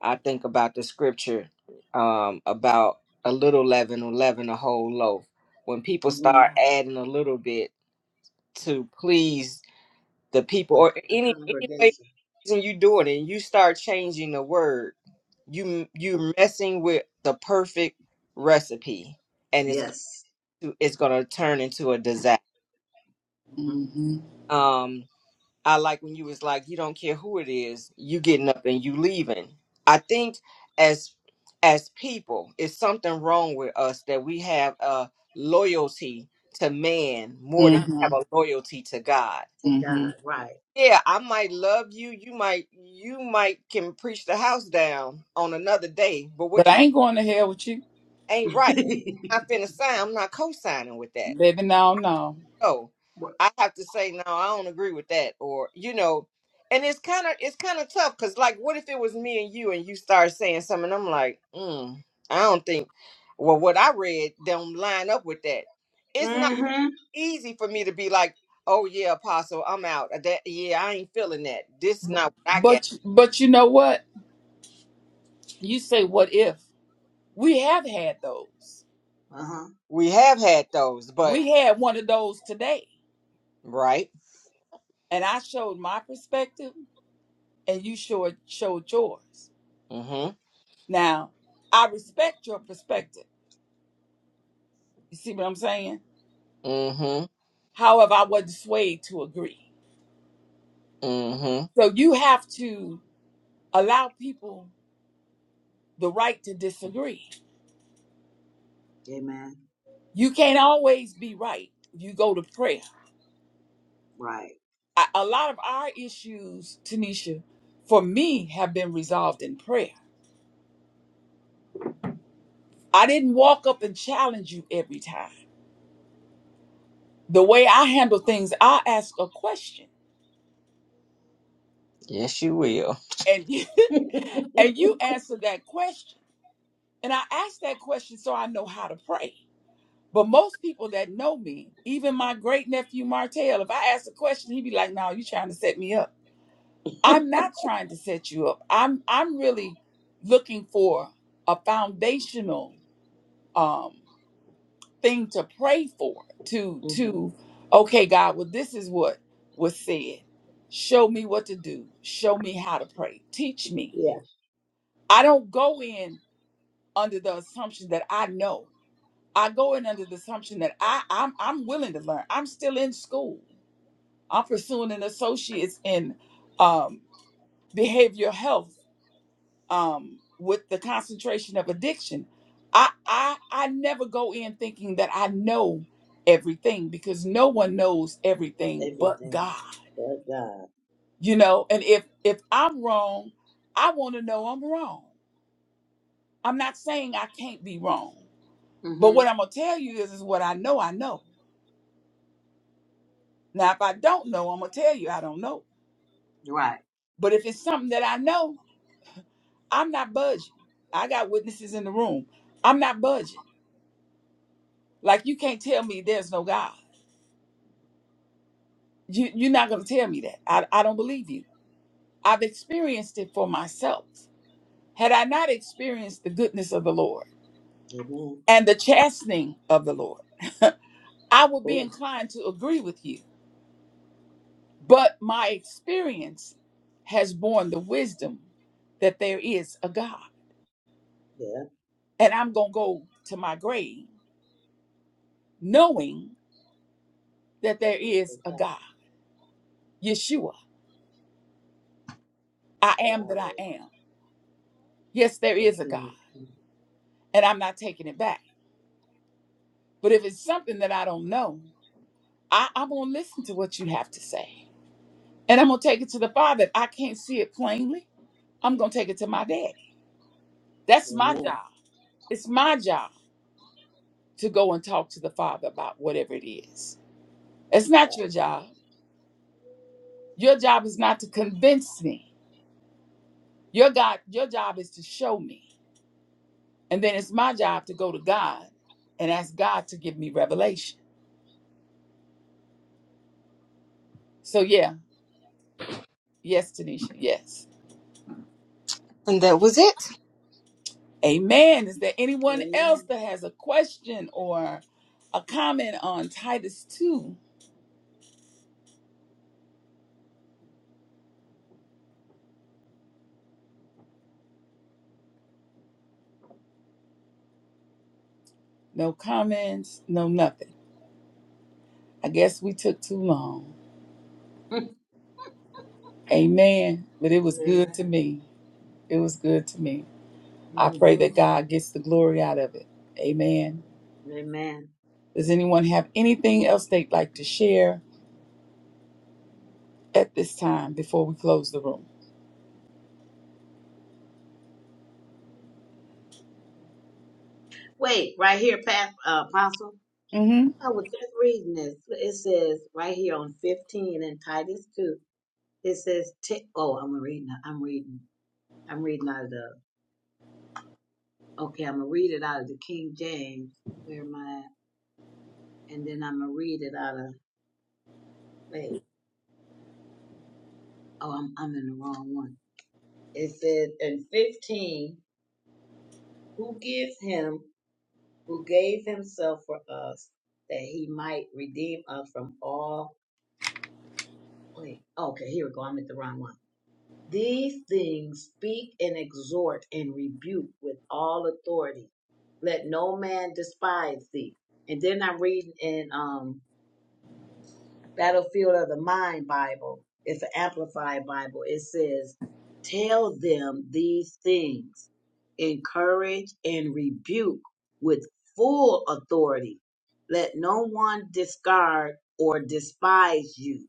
Speaker 3: I think about the scripture um, about a little leaven will leaven a whole loaf. When people
Speaker 2: hmm
Speaker 3: start Mhm. adding a little bit to please the people,
Speaker 2: The,
Speaker 3: or
Speaker 2: the
Speaker 3: any any way
Speaker 2: congregation.
Speaker 3: reason you doing it, and you start changing the word, you you messing with the perfect recipe, and it's going
Speaker 2: Yes.
Speaker 3: to it's going to turn into a disaster.
Speaker 2: hmm
Speaker 1: Mm-hmm.
Speaker 3: Um, I like when you was like, you don't care who it is, you getting up and you leaving. I think as as people, it's something wrong with us that we have a loyalty to man more than we
Speaker 1: Mm-hmm.
Speaker 3: have a loyalty to God.
Speaker 2: For God,
Speaker 1: Mm-hmm.
Speaker 2: right.
Speaker 3: Yeah, I might love you. You might you might can preach the house down on another day, but
Speaker 1: But
Speaker 3: what you
Speaker 1: I ain't going to hell with you.
Speaker 3: ain't right. I'm not finna sign. I'm not co-signing with that.
Speaker 1: Baby, no, no.
Speaker 3: go. I have to say, no, I don't agree with that, or you know, and it's kind of it's kind of tough because like, what if it was me and you, and you start saying something, and I'm like, mm, I don't think, well, what I read don't line up with that. It's not
Speaker 2: hmm
Speaker 3: easy for me to be like, oh yeah, Apostle, I'm out. Uh, That yeah, I ain't feeling that. This is not what I got.
Speaker 1: But but you know what? You say what if? We have had those.
Speaker 2: Uh huh.
Speaker 3: We have had those, but
Speaker 1: We had one of those today.
Speaker 3: right,
Speaker 1: And I showed my perspective and you showed showed yours.
Speaker 3: mm-hmm,
Speaker 1: Now, I respect your perspective. You see what I'm saying?
Speaker 3: mm-hmm,
Speaker 1: However, I wasn't swayed to agree.
Speaker 3: mm-hmm.
Speaker 1: So you have to allow people the right to disagree.
Speaker 2: Amen.
Speaker 1: You can't always be right. You go to prayer.
Speaker 2: Right.
Speaker 1: I, a lot of our issues, Tanisha, for me, have been resolved in prayer. I didn't walk up and challenge you every time. The way I handle things, I ask a question,
Speaker 3: Yes, you will.
Speaker 1: and you, and you answer that question. And I ask that question so I know how to pray. But most people that know me, even my great nephew Martell, if I ask a question, he'd be like, "No, you are trying to set me up." I'm not trying to set you up. I'm I'm really looking for a foundational um, thing to pray for. To
Speaker 2: hmm
Speaker 1: to okay, God, well this is what was said. Show me what to do. Show me how to pray. Teach me.
Speaker 2: Yeah.
Speaker 1: I don't go in under the assumption that I know. I go in under the assumption that I, I'm I'm willing to learn. I'm still in school. I'm pursuing an associate's in um, behavioral health um, with the concentration of addiction. I, I I never go in thinking that I know everything because no one knows everything but
Speaker 2: everything
Speaker 1: God.
Speaker 2: but God.
Speaker 1: You know, and if if I'm wrong, I want to know I'm wrong. I'm not saying I can't be wrong, but
Speaker 2: hmm
Speaker 1: what I'm gonna tell you is is what I know. I know. Now, if I don't know, I'm gonna tell you I don't know.
Speaker 2: Right.
Speaker 1: But if it's something that I know, I'm not budging. I got witnesses in the room. I'm not budging. Like you can't tell me there's no God. You you're not gonna tell me that. I, I don't believe you. I've experienced it for myself. Had I not experienced the goodness of the Lord
Speaker 2: Amen.
Speaker 1: and the chastening of the Lord, I would be
Speaker 2: Oh,
Speaker 1: inclined to agree with you. But my experience has borne the wisdom that there is a God.
Speaker 2: yeah.
Speaker 1: And I'm gonna go to my grave knowing that there
Speaker 2: There is
Speaker 1: is
Speaker 2: a
Speaker 1: a
Speaker 2: God.
Speaker 1: God. Yeshua, I am that I
Speaker 2: Yahweh,
Speaker 1: am. Yes, there
Speaker 2: the
Speaker 1: is a God,
Speaker 2: King of Kings.
Speaker 1: and I'm not taking it back. But if it's something that I don't know, I, I'm going to listen to what you have to say. And I'm going to take it to the Father. If I can't see it plainly, I'm going to take it to my daddy. That's my
Speaker 2: Amen.
Speaker 1: job. It's my job to go and talk to the Father about whatever it is. It's not your job. Your job is not to convince me. Your God, your job is to show me. And then it's my job to go to God and ask God to give me revelation. So, yeah, yes, Tanisha, yes.
Speaker 3: And that was it.
Speaker 1: Amen. Is there anyone else that has a question or a comment on Titus 2? No comments, no nothing. I guess we took too long.
Speaker 2: Right. Amen.
Speaker 1: Amen. But it was good to
Speaker 2: Amen.
Speaker 1: me. It was good to me. I pray
Speaker 2: hmm
Speaker 1: that God gets the glory out of it. Amen.
Speaker 2: Amen.
Speaker 1: Does anyone have anything else they'd like to share at this time before we close the room?
Speaker 2: Wait, right here, Pat, uh, Apostle.
Speaker 1: Mm-hmm.
Speaker 2: I was just reading this. It says right here on 15 in Titus 2. It says, t- "Oh, I'm reading. I'm reading. I'm reading out of the. Okay, I'm gonna read it out of the King James. Where am I? at? And then I'm gonna read it out of. Wait. Oh, I'm, I'm in the wrong one. It said in 15, who gives him, who gave himself for us, that he might redeem us from all. Wait, okay, here we go. I'm at the wrong one. These things speak and exhort and rebuke with all authority. Let no man despise thee. And then I'm reading in um Battlefield of the Mind Bible. It's an amplified Bible. It says, Tell them these things, encourage and rebuke with full authority. Let no one discard or despise you.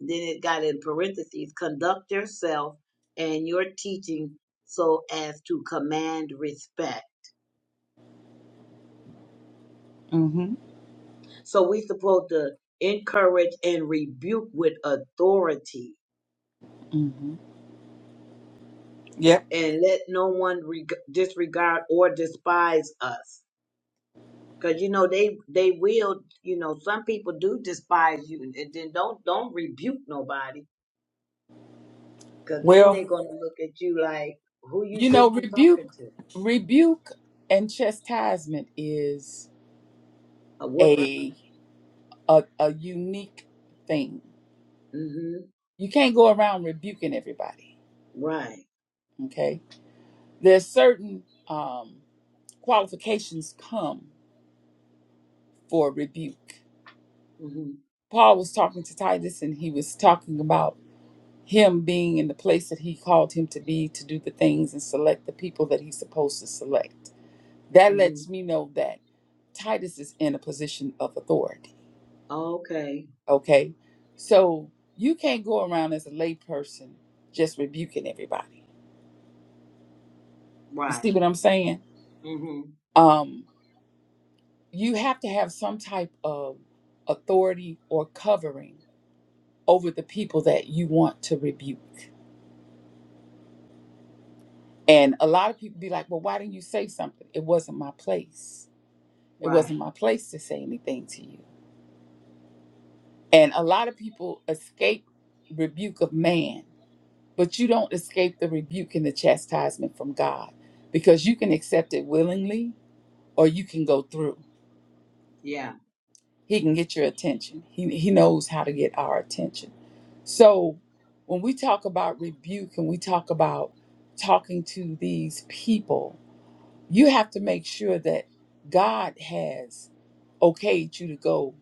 Speaker 2: Then it got in parentheses, conduct yourself and your teaching so as to command respect.
Speaker 1: Mm-hmm.
Speaker 2: So we supposed to encourage and rebuke with authority
Speaker 1: Mm-hmm. Yep.
Speaker 2: and let no one reg- disregard or despise us because you know they they will you know some people do despise you and then don't don't rebuke nobody because then they're
Speaker 1: Well,
Speaker 2: going to look at you like who you
Speaker 1: you know,
Speaker 2: think you talking
Speaker 1: rebuke,
Speaker 2: to
Speaker 1: rebuke, and chastisement is
Speaker 2: a whooping
Speaker 1: a a, a unique thing.
Speaker 2: mm-hmm
Speaker 1: You can't go around rebuking everybody.
Speaker 2: right
Speaker 1: Okay, there's certain um, qualifications come for rebuke.
Speaker 2: mm-hmm
Speaker 1: Paul was talking to Titus, and he was talking about him being in the place that he called him to be to do the things and select the people that he's supposed to select that
Speaker 2: mm-hmm
Speaker 1: lets me know that Titus is in a position of authority.
Speaker 2: okay
Speaker 1: Okay. So you can't go around as a layperson just rebuking everybody. You
Speaker 2: right
Speaker 1: see what I'm saying?
Speaker 2: mm-hmm
Speaker 1: Um, you have to have some type of authority or covering over the people that you want to rebuke. And a lot of people be like, well, why didn't you say something? It wasn't my place. It
Speaker 2: right
Speaker 1: wasn't my place to say anything to you. And a lot of people escape rebuke of man but you don't escape the rebuke and the chastisement from God because you can accept it willingly or you can go through.
Speaker 2: yeah
Speaker 1: He can get your attention. He, he knows how to get our attention. So when we talk about rebuke and we talk about talking to these people, you have to make sure that God has okayed you to go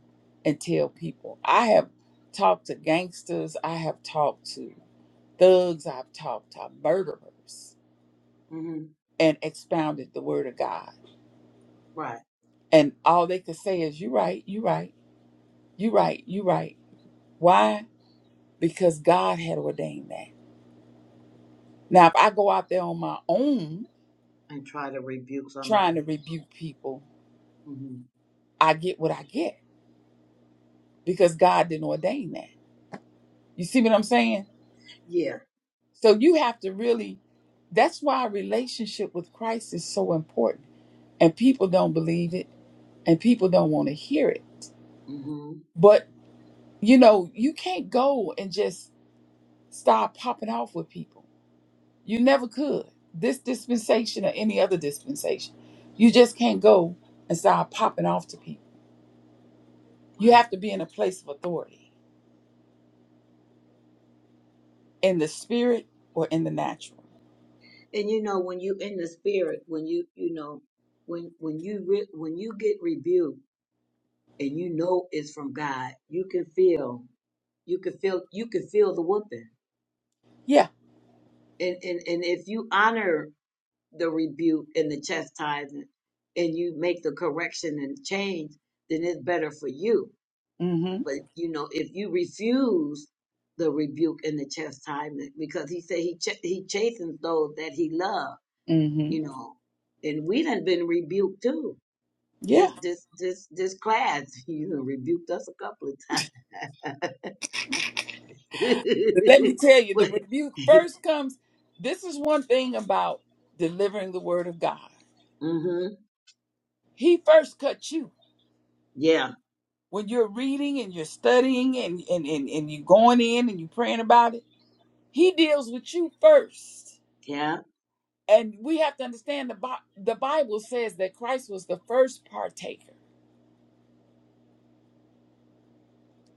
Speaker 1: and tell people. I have talked to gangsters, I have talked to thugs, I've talked to murderers
Speaker 2: mm-hmm
Speaker 1: and expounded the word of God.
Speaker 2: right
Speaker 1: And all they could say is, You right, you right, you right, you right. Why? Because God had ordained that. Now, if I go out there on my own
Speaker 2: and try to rebuke
Speaker 1: trying to
Speaker 2: somebody
Speaker 1: rebuke people,
Speaker 2: mm-hmm
Speaker 1: I get what I get because God didn't ordain that. You see what I'm saying?
Speaker 2: yeah
Speaker 1: So you have to really, that's why a relationship with Christ is so important. And people don't believe it and people don't want to hear it.
Speaker 2: mm-hmm
Speaker 1: But, you know, you can't go and just start popping off with people You never could. This dispensation or any other dispensation. You just can't go and start popping off to people. You
Speaker 2: right
Speaker 1: have to be in a place of authority in the spirit or in the natural.
Speaker 2: And you know, when you in the spirit, when you you know, when when you re- when you get rebuked and you know it's from God, you can feel you can feel you can feel the whooping.
Speaker 1: Yeah.
Speaker 2: And and and if you honor the rebuke and the chastisement, and you make the correction and change, then it's better for you.
Speaker 1: Mm
Speaker 2: But you know, if you refuse the rebuke and the chastisement, because He said He ch- He chastens those that He loves,
Speaker 1: hmm. Mm hmm.
Speaker 2: you know, and we done been rebuked too this
Speaker 1: Yeah.
Speaker 2: this this this class you know, rebuked us a couple of times.
Speaker 1: But let me tell you, the
Speaker 2: but
Speaker 1: rebuke first comes. This is one thing about delivering the word of God.
Speaker 2: mhm.
Speaker 1: He first cut you.
Speaker 2: Yeah.
Speaker 1: When you're reading and you're studying and, and, and, and you're going in and you're praying about it, he deals with you first
Speaker 2: Yeah.
Speaker 1: and we have to understand the Bi- the Bible says that Christ was the first partaker.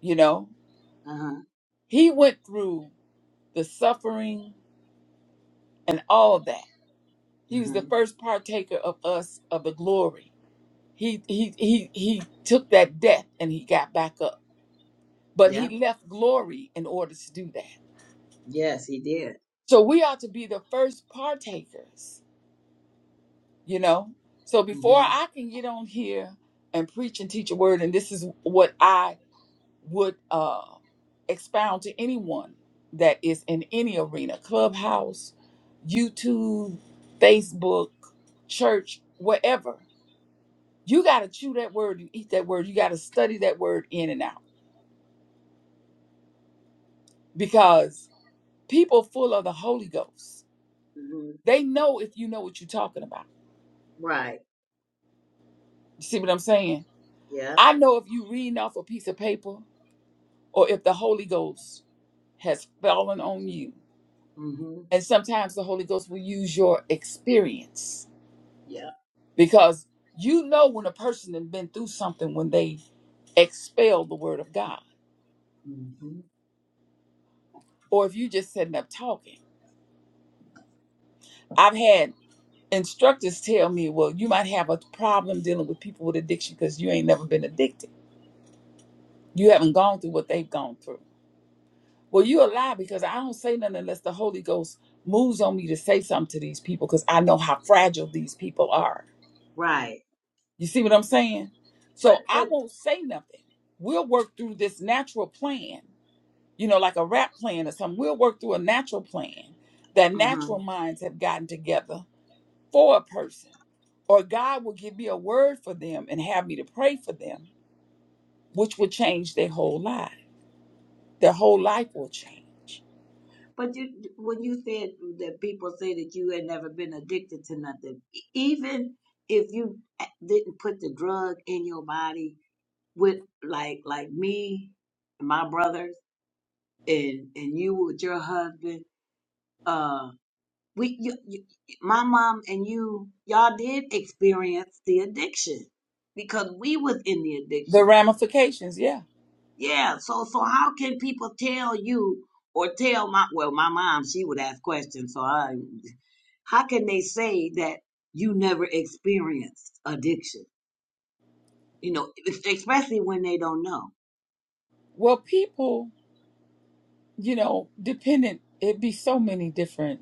Speaker 1: You know,
Speaker 2: Uh-huh.
Speaker 1: he went through the suffering and all that. He was the
Speaker 2: Mhm.
Speaker 1: first partaker of us of the glory. He he he he took that death and he got back up. But
Speaker 2: yeah,
Speaker 1: he left glory in order to do that.
Speaker 2: Yes, he did.
Speaker 1: So we ought to be the first partakers, you know? So before
Speaker 2: Mhm.
Speaker 1: I can get on here and preach and teach a word and this is what I would uh, expound to anyone that is in any arena clubhouse youtube facebook church whatever you got to chew that word you eat that word you got to study that word in and out because people full of the holy ghost
Speaker 2: Mhm.
Speaker 1: they know if you know what you're talking about
Speaker 2: Right.
Speaker 1: you see what i'm saying
Speaker 2: Yeah.
Speaker 1: i know if you reading off a piece of paper or if the holy ghost has fallen on you
Speaker 2: Mhm.
Speaker 1: and sometimes the holy ghost will use your experience
Speaker 2: Yeah.
Speaker 1: because you know when a person has been through something when they expel the word of God,
Speaker 2: Mhm.
Speaker 1: or if you just sitting up talking. I've had instructors tell me, "Well, you might have a problem dealing with people with addiction because you ain't never been addicted. You haven't gone through what they've gone through." Well, you a lie because I don't say nothing unless the Holy Ghost moves on me to say something to these people because I know how fragile these people are.
Speaker 2: Right.
Speaker 1: You see what I'm saying?
Speaker 2: But
Speaker 1: So I
Speaker 2: but
Speaker 1: won't say nothing. We'll work through this natural plan you know, like a rap plan or something. We'll work through a natural plan that
Speaker 2: mhm.
Speaker 1: natural minds have gotten together for a person. Or God will give me a word for them and have me to pray for them, which will change their whole life. Their whole life will change.
Speaker 2: But you when you said that people say that you had never been addicted to nothing, e- even if you eh, didn't put the drug in your body, with like like me and my brothers and and you with your husband uh we you, you, my mom and you y'all did experience the addiction because we was in the
Speaker 1: The
Speaker 2: addiction
Speaker 1: ramifications, yeah.
Speaker 2: yeah so so how can people tell you or tell my well my mom she would ask questions so i how can they say that you never experienced addiction you know especially when they don't know
Speaker 1: Well, people, you know, dependent, it'd be so many different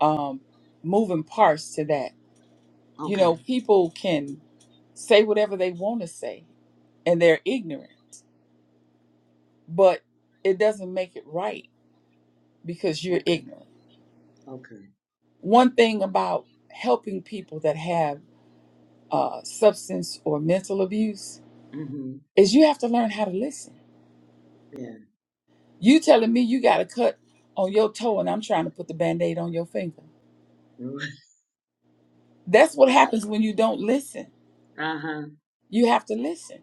Speaker 1: um, moving parts to that. You
Speaker 2: okay
Speaker 1: know, people can say whatever they want to say and they're ignorant. but it doesn't make it right because you're
Speaker 2: okay
Speaker 1: ignorant.
Speaker 2: okay
Speaker 1: One thing about helping people that have uh, substance or mental abuse
Speaker 2: mhm
Speaker 1: is you have to learn how to listen.
Speaker 2: Yeah.
Speaker 1: You telling me you got a cut on your toe and I'm trying to put the band aid on your finger. That's what
Speaker 2: Right.
Speaker 1: happens when you don't listen.
Speaker 2: Uh huh.
Speaker 1: You have to listen.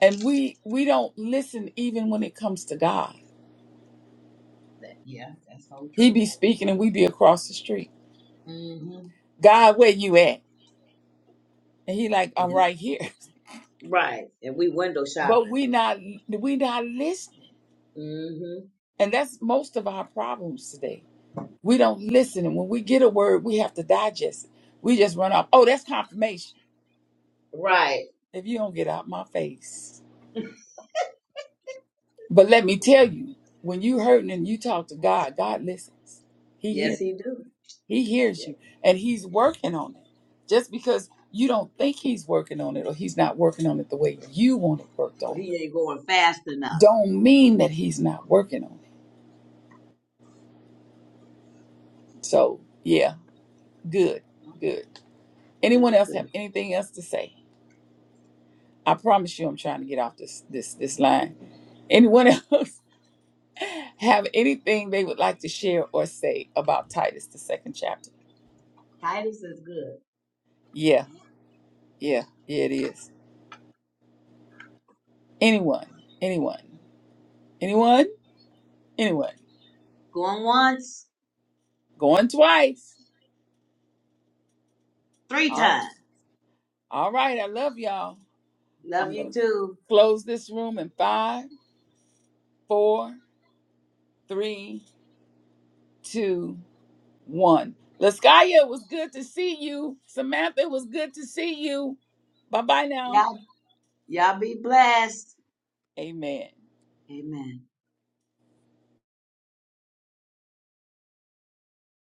Speaker 1: And we we don't listen even when it comes to God.
Speaker 2: That, yeah, that's so
Speaker 1: He
Speaker 2: true.
Speaker 1: be speaking and we be across the street.
Speaker 2: Mm-hmm.
Speaker 1: God, where you at? And he like, I'm
Speaker 2: And,
Speaker 1: right here.
Speaker 2: right. And we window
Speaker 1: but
Speaker 2: shopping.
Speaker 1: we not we not listening
Speaker 2: Mm-hmm.
Speaker 1: and that's most of our problems today we don't listen and when we get a word we have to digest it we just run off oh that's confirmation
Speaker 2: Right.
Speaker 1: if you don't get out my face but let me tell you when you hurting and you talk to god god listens he
Speaker 2: Yes,
Speaker 1: hears
Speaker 2: he do.
Speaker 1: he hears
Speaker 2: Yes,
Speaker 1: you and he's
Speaker 2: yes.
Speaker 1: working on it just because you don't think he's working on it or he's not working on it the way you want it worked
Speaker 2: Well,
Speaker 1: on
Speaker 2: he ain't going fast enough.
Speaker 1: don't mean that he's not working on it so yeah good good
Speaker 2: That
Speaker 1: Anyone
Speaker 2: was
Speaker 1: else
Speaker 2: good.
Speaker 1: have anything else to say? I promise you, I'm trying to get off this this this line. Anyone else have anything they would like to share or say about Titus, the second chapter?
Speaker 2: Titus is good.
Speaker 1: Yeah, yeah, yeah, it is. Anyone, anyone, anyone, anyone.
Speaker 2: Going once,
Speaker 1: Going twice.
Speaker 2: three
Speaker 1: All right.
Speaker 2: times.
Speaker 1: All right. I love y'all.
Speaker 2: Love
Speaker 1: I'm going
Speaker 2: you
Speaker 1: to
Speaker 2: too.
Speaker 1: close this room in five, four, three, two, one. Laskaya, it was good to see you. Samantha, it was good to see you. Bye bye now.
Speaker 2: Y'all, y'all be blessed.
Speaker 1: Amen.
Speaker 2: Amen.